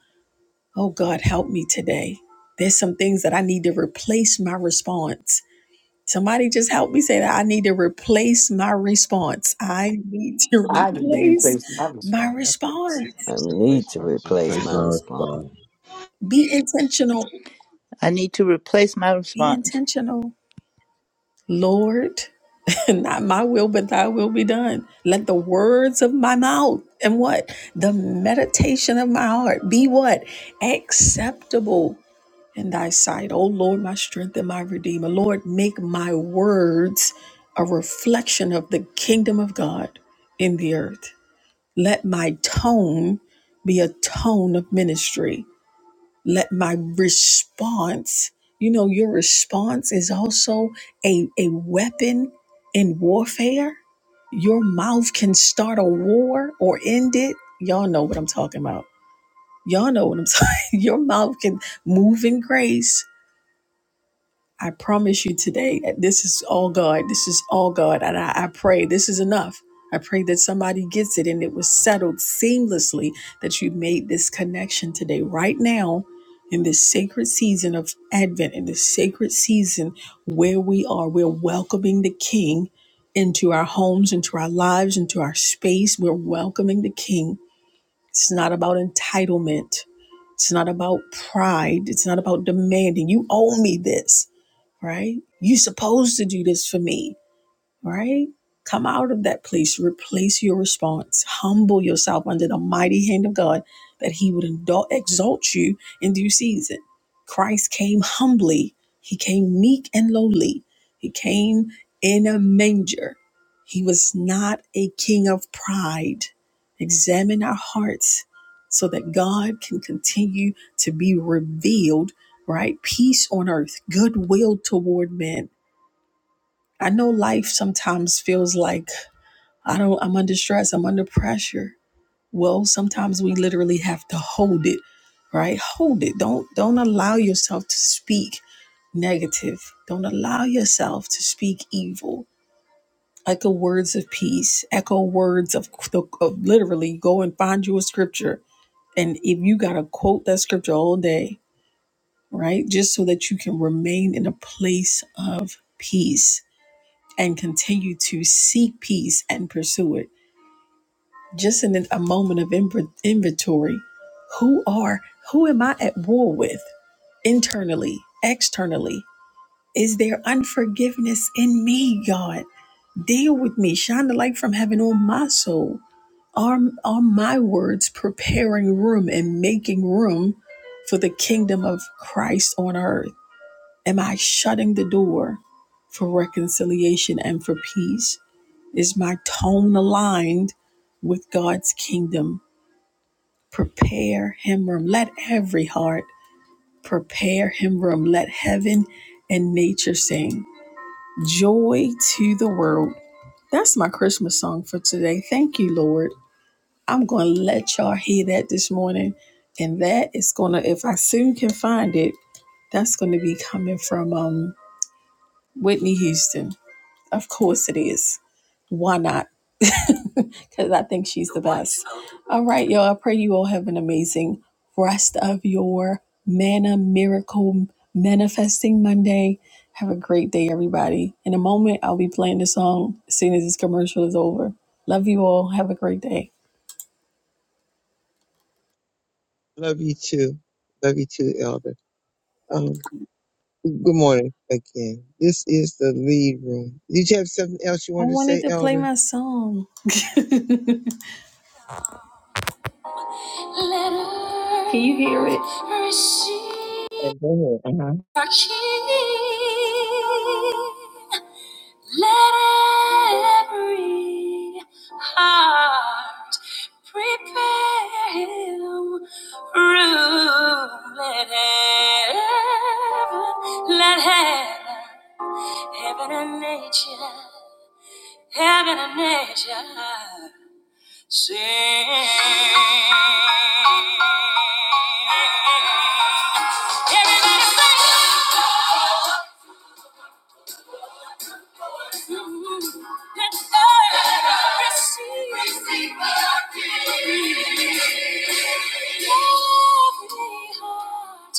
Speaker 6: Oh God, help me today. There's some things that I need to replace my response Somebody just help me say that. I need to replace my response. I need to
Speaker 10: I need to
Speaker 6: replace
Speaker 10: replace my
Speaker 6: my
Speaker 10: response.
Speaker 1: and
Speaker 6: response.
Speaker 12: I need
Speaker 1: replace
Speaker 12: to
Speaker 1: my
Speaker 12: replace
Speaker 3: Face
Speaker 12: my
Speaker 1: response.
Speaker 3: and
Speaker 12: response.
Speaker 3: response.
Speaker 6: Be intentional.
Speaker 4: I need to replace my
Speaker 6: Be
Speaker 4: response.
Speaker 6: intentional. Lord, not my will, but thy will be done. Let the words of my mouth and what? The meditation of my heart be what? Acceptable in thy sight. Oh Lord, my strength and my redeemer. Lord, make my words a reflection of the kingdom of God in the earth. Let my tone be a tone of ministry. Let my response, you know, your response is also a, a weapon in warfare. Your mouth can start a war or end it. Y'all know what I'm talking about. Y'all know what I'm talking. Your mouth can move in grace I promise you today, that this is all God. This is all God. And I, I pray this is enough. I pray that somebody gets it and it was settled seamlessly that you made this connection today, right now, in this sacred season of Advent, in this sacred season where we are. We're welcoming the King into our homes, into our lives, into our space. We're welcoming the King. It's not about entitlement. It's not about pride. It's not about demanding, you owe me this right? You supposed to do this for me right? Come out of that place, replace your response, humble yourself under the mighty hand of God that He would exalt you in due season. Christ came humbly, He came meek and lowly, He came in a manger. He was not a king of pride. Examine our hearts so that God can continue to be revealed, right? Peace on earth, goodwill toward men I know life sometimes feels like I don't I'm under stress, I'm under pressure. Well, sometimes we literally have to hold it, right? Hold it. Don't don't allow yourself to speak negative. Don't allow yourself to speak evil. Echo words of peace. Echo words of, the- of literally go and find you a scripture. And if you gotta quote that scripture all day, right? Just so that you can remain in a place of peace and continue to seek peace and pursue it. Just in a moment of inv- inventory, who are, who am I at war with internally, externally? Is there unforgiveness in me, God? Deal with me. Shine the light from heaven on my soul. Are, are my words preparing room and making room for the kingdom of Christ on earth? Am I shutting the door for reconciliation and for peace? Is my tone aligned with God's kingdom? Prepare him room. Let every heart prepare him room. Let heaven and nature sing. Joy to the world. That's my Christmas song for today. Thank you, Lord. I'm going to let y'all hear that this morning. And that is going to, if I soon can find it, that's going to be coming from um, Whitney Houston. Of course it is. Why not? Because I think she's the best. All right, y'all. I pray you all have an amazing rest of your manna miracle manifesting Monday. Have a great day, everybody. In a moment, I'll be playing the song as soon as this commercial is over. Love you all. Have a great day.
Speaker 2: Love you too. Love you too, Elder. Um, good morning again. This is the lead room. Did you have something else you
Speaker 6: I
Speaker 2: wanted to
Speaker 6: wanted
Speaker 2: say,
Speaker 6: to play
Speaker 2: Elder?
Speaker 6: my song. Can you hear it? Receive
Speaker 2: Amen. Uh-huh.
Speaker 6: our King. Let every heart prepare him room. Let heaven, let heaven, heaven and nature, heaven and nature sing. Everybody sing. Let earth receive Receive our King. Lovely heart,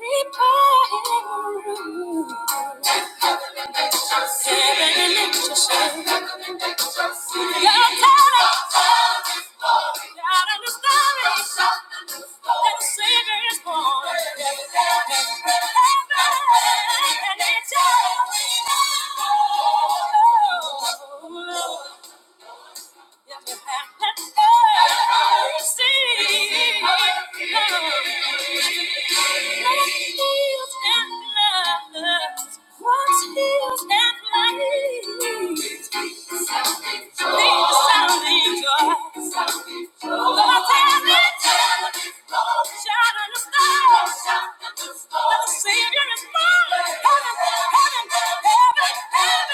Speaker 6: repining room. Seven inches. Your talent. Out in the story, that the Savior is born. And it's all Oh, no. Heaven, heaven, heaven,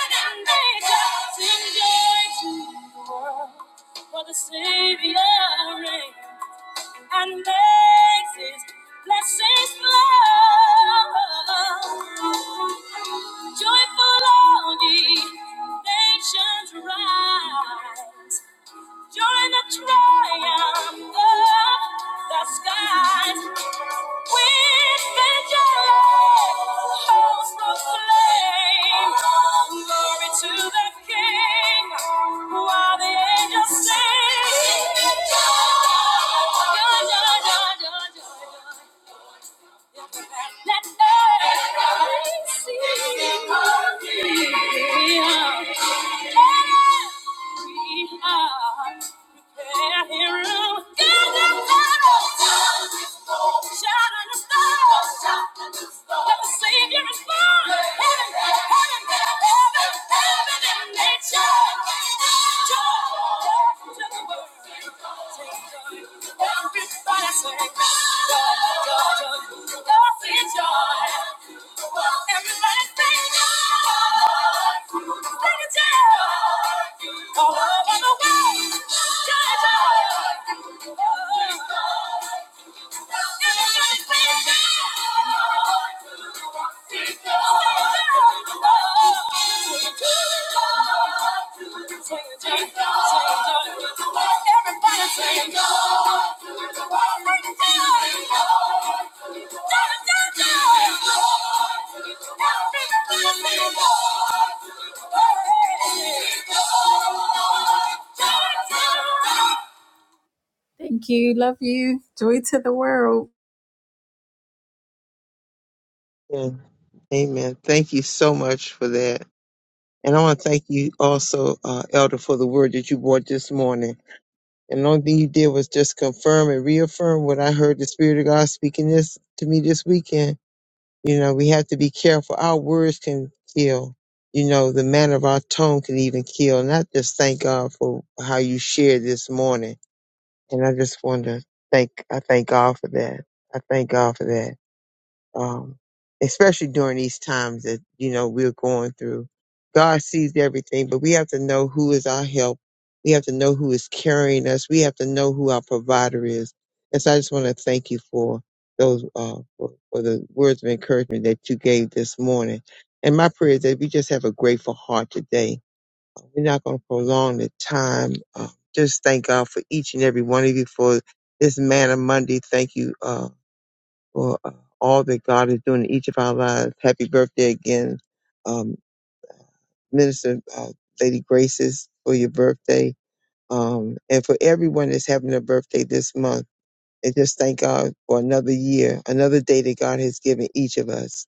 Speaker 6: and nature sing joy to the world. For the Savior reigns and makes his blessings flow. Joyful all ye nations rise. Join the triumph of the skies. Yeah. Everybody sing, joy, joy, joy, joy, joy, joy. Everybody Thank you. Thank you. Love you. Joy to the world.
Speaker 2: Yeah. Amen. Thank you so much for that. And I want to thank you also, uh, Elder, for the word that you brought this morning. And the only thing you did was just confirm and reaffirm what I heard the Spirit of God speaking this to me this weekend. You know, we have to be careful. Our words can kill. You know, the manner of our tone can even kill. And I just thank God for how you shared this morning. And I just want to thank, I thank God for that. I thank God for that um, especially during these times that you know we're going through. God sees everything, but we have to know who is our help. We have to know who is carrying us. We have to know who our provider is. And so I just want to thank you for those uh, for, for the words of encouragement that you gave this morning. And my prayer is that we just have a grateful heart today. We're not going to prolong the time. Uh, just thank God for each and every one of you for this Man of Monday. Thank you. Uh, for uh, all that God is doing in each of our lives. Happy birthday again, um, Minister uh, Lady Graces, for your birthday, um, and for everyone that's having a birthday this month. And just thank God for another year, another day that God has given each of us.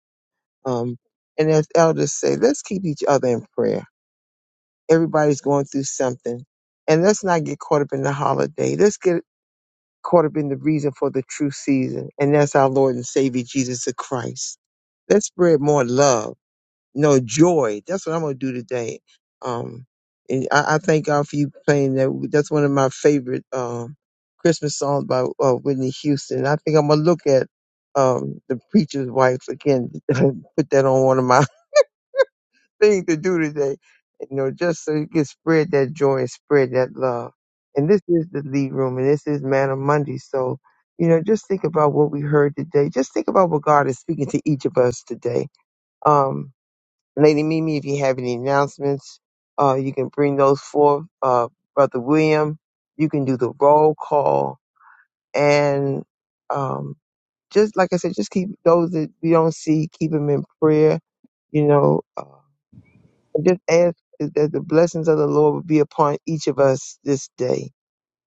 Speaker 2: Um, and as elders say, let's keep each other in prayer. Everybody's going through something. And let's not get caught up in the holiday. Let's get caught up in the reason for the true season, and that's our Lord and Savior Jesus the Christ. Let's spread more love, no joy. That's what I'm gonna do today. Um, and I, I thank God for you playing that. That's one of my favorite um Christmas songs by uh, Whitney Houston. I think I'm gonna look at um the preacher's wife again. put that on one of my thing to do today. You know, just so you can spread that joy and spread that love. And this is the lead room and this is Man of Monday. So, you know, just think about what we heard today. Just think about what God is speaking to each of us today. Um, Lady Mimi, if you have any announcements, uh, you can bring those forth. Uh, Brother William, you can do the roll call and, um, just like I said, just keep those that we don't see, keep them in prayer you know, uh, and just ask that the blessings of the Lord would be upon each of us this day.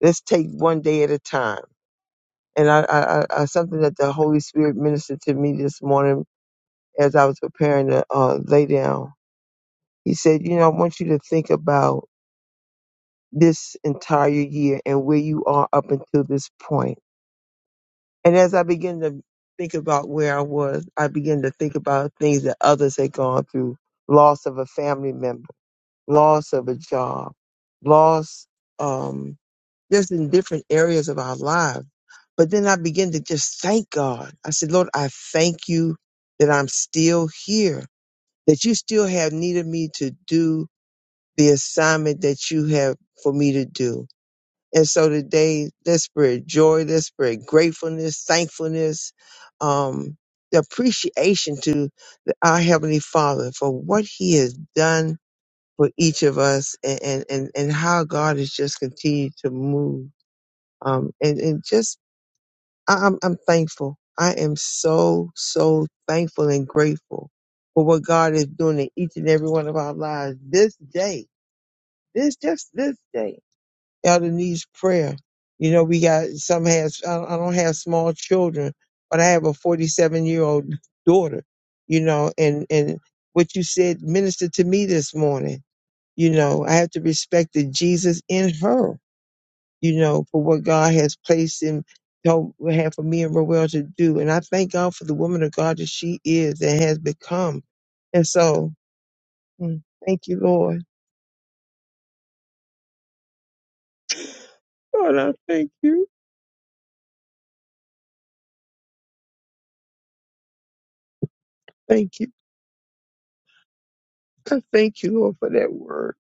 Speaker 2: Let's take one day at a time. And I, I, I I- something that the Holy Spirit ministered to me this morning as I was preparing to uh, lay down. He said, "You know, I want you to think about this entire year and where you are up until this point." And as I begin to think about where I was, I began to think about things that others had gone through, loss of a family member loss of a job, loss, um, just in different areas of our lives. But then I began to just thank God. I said, Lord, I thank you that I'm still here, that you still have needed me to do the assignment that you have for me to do. And so today, let's spread joy, let's spread gratefulness, thankfulness, um, the appreciation to the- our Heavenly Father for what He has done for each of us and, and, and and how God has just continued to move. Um, and, and just, I- I'm, I'm thankful. I am so, so thankful and grateful for what God is doing in each and every one of our lives this day, this, just this day. Elder needs prayer. You know, we got some has, I don't I don't have small children, but I have a 47 year old daughter, you know, and, and what you said ministered to me this morning you know, I have to respect the Jesus in her, you know, for what God has placed in told had for me and Roel to do. And I thank God for the woman of God that she is and has become. And so mm, thank you, Lord. Lord, I thank you. Thank you. I thank you, Lord, for that word.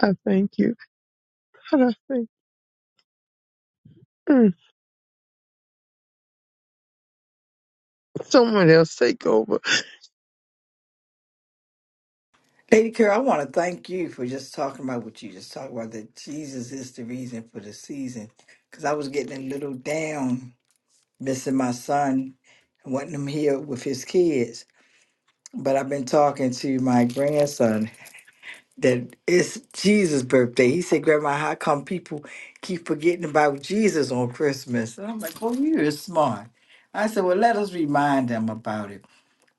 Speaker 2: I thank you. And I thank mm, someone else take over.
Speaker 10: Lady Carol. I want to thank you for just talking about what you just talked about, that Jesus is the reason for the season. Because I was getting a little down. missing my son, wanting him here with his kids. But I've been talking to my grandson that it's Jesus' birthday. He said, Grandma, how come people keep forgetting about Jesus on Christmas? And I'm like, "Oh, you is smart. I said, Well, let us remind them about it.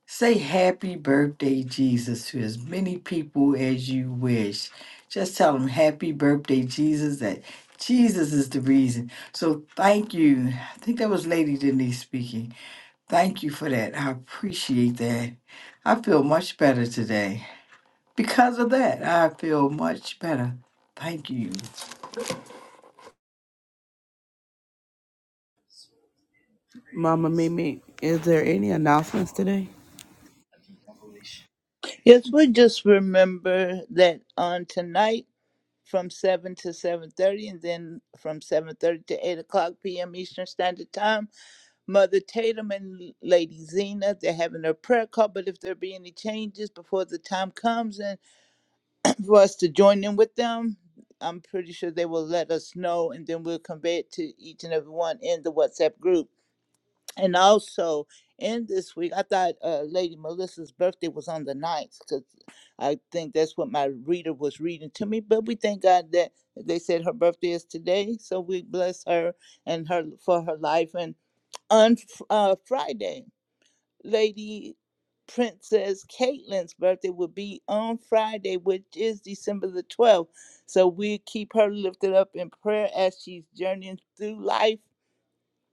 Speaker 10: Say happy birthday, Jesus, to as many people as you wish. Just tell them happy birthday, Jesus, that Jesus is the reason. So thank you. I think that was Lady Denise speaking Thank you for that. I appreciate that. I feel much better today. Because of that, I feel much better. Thank you.
Speaker 9: Mama Mimi, is there any announcements today?
Speaker 4: Yes, we just remember that on tonight from seven to seven thirty, and then from seven thirty to eight o'clock p.m. Eastern Standard Time. Mother Tatum and Lady Zena, they're having their prayer call. But if there be any changes before the time comes, and for us to join in with them, I'm pretty sure they will let us know, and then we'll convey it to each and every one in the WhatsApp group. And also in this week, I thought uh, Lady Melissa's birthday was on the ninth, because I think that's what my reader was reading to me. But we thank God that they said her birthday is today, so we bless her and her for her life. And on uh, Friday, Lady Princess Caitlin's birthday will be on Friday, which is December the 12th. So we keep her lifted up in prayer as she's journeying through life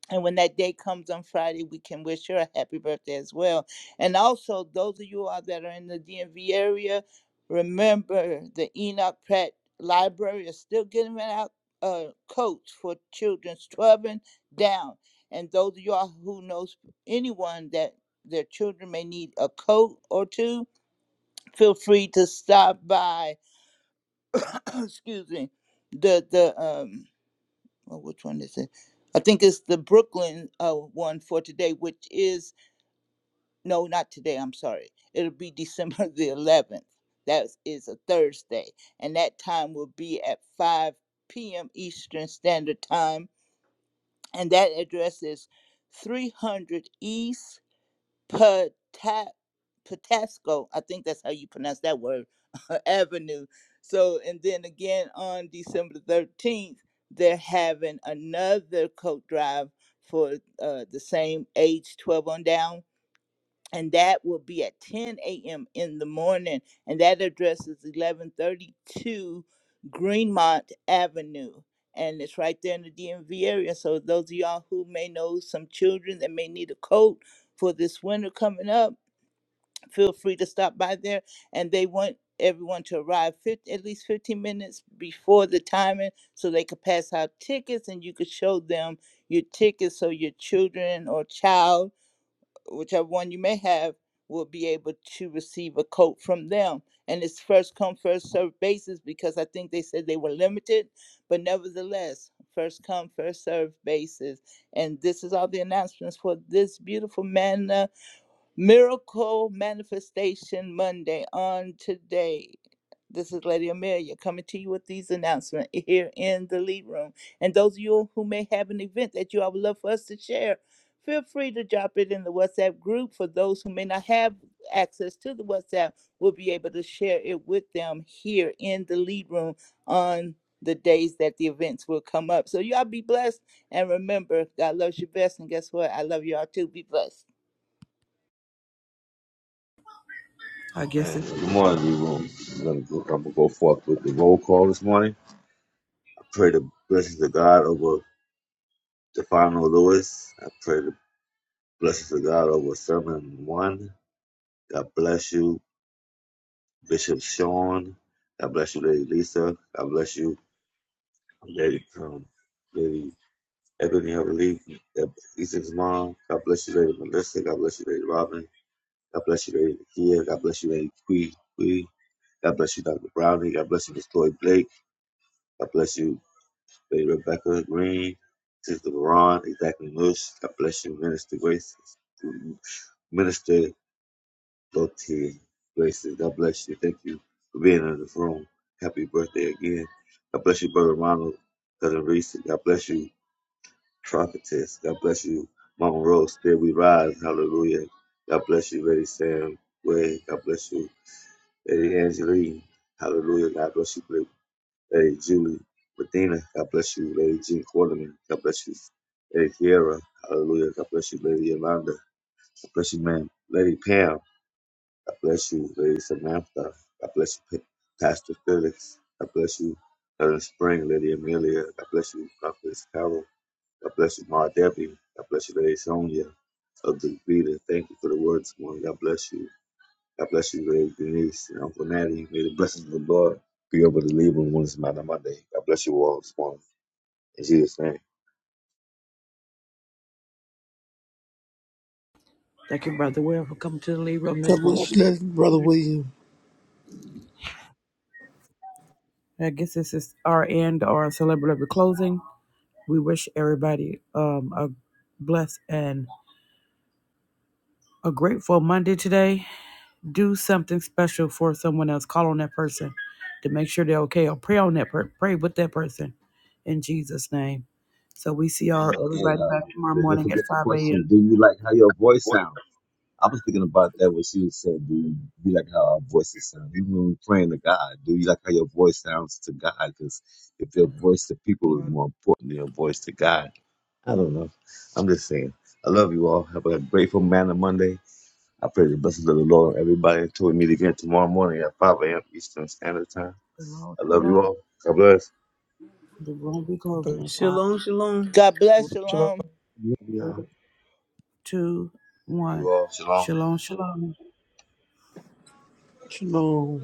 Speaker 4: and when that day comes on Friday, we can wish her a happy birthday as well. And also, those of you all that are in the DMV area, remember the Enoch Pratt Library is still giving out uh, coats for children's 12 and down. And those of you all who knows anyone that their children may need a coat or two, feel free to stop by. excuse me. The the um well, which one is it? I think it's the Brooklyn uh, one for today, which is no, not today. I'm sorry. It'll be December the 11th. That is a Thursday, and that time will be at 5 p.m. Eastern Standard Time, and that address is 300 East. Pata- Patasco, I think that's how you pronounce that word, Avenue. So, and then again on December 13th, they're having another coat drive for uh, the same age 12 on down and that will be at 10 a.m. in the morning. And that address is 1132 Greenmont Avenue. And it's right there in the DMV area. So, those of y'all who may know some children that may need a coat for this winter coming up, feel free to stop by there. And they want everyone to arrive 50, at least 15 minutes before the timing so they could pass out tickets and you could show them your tickets so your children or child whichever one you may have will be able to receive a coat from them and it's first come first served basis because i think they said they were limited but nevertheless first come first served basis and this is all the announcements for this beautiful man uh, miracle manifestation monday on today this is Lady Amelia coming to you with these announcements here in the lead room. And those of you who may have an event that you all would love for us to share, feel free to drop it in the WhatsApp group. For those who may not have access to the WhatsApp, we'll be able to share it with them here in the lead room on the days that the events will come up. So y'all be blessed and remember, God loves you best. And guess what? I love y'all too. Be blessed.
Speaker 9: I guess
Speaker 3: Hey,
Speaker 9: it,
Speaker 3: good morning, everyone. I'm gonna go, I'm gonna go forth with the roll call this morning. I pray the blessings of God over Stefano Lewis. I pray the blessings of God over Sermon One. God bless you, Bishop Sean. God bless you, Lady Lisa. God bless you, Lady um, Lady Ebony, I believe. Ethan's mom. God bless you, Lady Melissa. God bless you, Lady Robin. God bless you, Lady Kia. God bless you, Lady Quee. Quee. God bless you, Dr. Browning. God bless you, Miss Chloe Blake. God bless you, Lady Rebecca Green. Sister Veron, exactly Bush. God bless you, Minister Grace. Minister Lottie Graces. God bless you. Thank you for being in the room. Happy birthday again. God bless you, Brother Ronald. Cousin Reese. God bless you, Prophetess. God bless you, Mama Rose. There we rise. Hallelujah. God bless you, Lady Sam Way. God bless you. Lady Angeline. Hallelujah. God bless you, Lady Lady Julie. Medina. God bless you, Lady Jean Quarterman. God bless you, Lady Kiara, Hallelujah. God bless you, Lady Yolanda. God bless you, ma'am. Lady Pam. God bless you, Lady Samantha. God bless you, Pa- Pastor Felix. God bless you, Helen Spring, Lady Amelia. God bless you, Prophetess Carol. God bless you, Ma Debbie. God bless you, Lady Sonia of the Vita. Thank you for the words, morning. God bless you. God bless you, Ray, Denise, and Uncle Natty. May the blessings of the Lord be over the Libra when it's Mount Monday. God bless you all this morning. In Jesus' name.
Speaker 9: thank you, Brother Will, for coming to the lead room
Speaker 5: God
Speaker 9: this
Speaker 5: bless
Speaker 9: morning.
Speaker 5: you, Brother William.
Speaker 9: I guess this is our end, our celebratory closing. We wish everybody um, a blessed and a grateful Monday today. Do something special for someone else. Call on that person to make sure they're okay, or pray on that per- pray with that person in Jesus' name. So we see our
Speaker 3: And, and
Speaker 9: everybody
Speaker 3: uh,
Speaker 9: back tomorrow
Speaker 3: don't don't
Speaker 9: morning at
Speaker 3: forget the
Speaker 9: five
Speaker 3: question
Speaker 9: a.m.
Speaker 3: Do you like how your voice sounds? I was thinking about that when she was saying, Do you, do you like how our voices sound? Even when we're praying to God, do you like how your voice sounds to God? Because if your voice to people is
Speaker 1: You
Speaker 3: more important than your voice to God, I don't know. I'm just saying. I love you all. Have a grateful Man of Monday. I pray the blessings of the Lord on everybody until we meet again tomorrow morning at 5 a.m. Eastern Standard Time.
Speaker 9: Shalom,
Speaker 3: I love
Speaker 9: shalom.
Speaker 3: you all. God bless
Speaker 9: The room will be
Speaker 1: know, at
Speaker 9: closing in five,
Speaker 13: Shalom, shalom.
Speaker 4: God
Speaker 9: four,
Speaker 4: bless.
Speaker 1: the
Speaker 4: Shalom.
Speaker 9: three, two, one.
Speaker 3: you all. Shalom.
Speaker 9: Shalom, shalom.
Speaker 5: Shalom.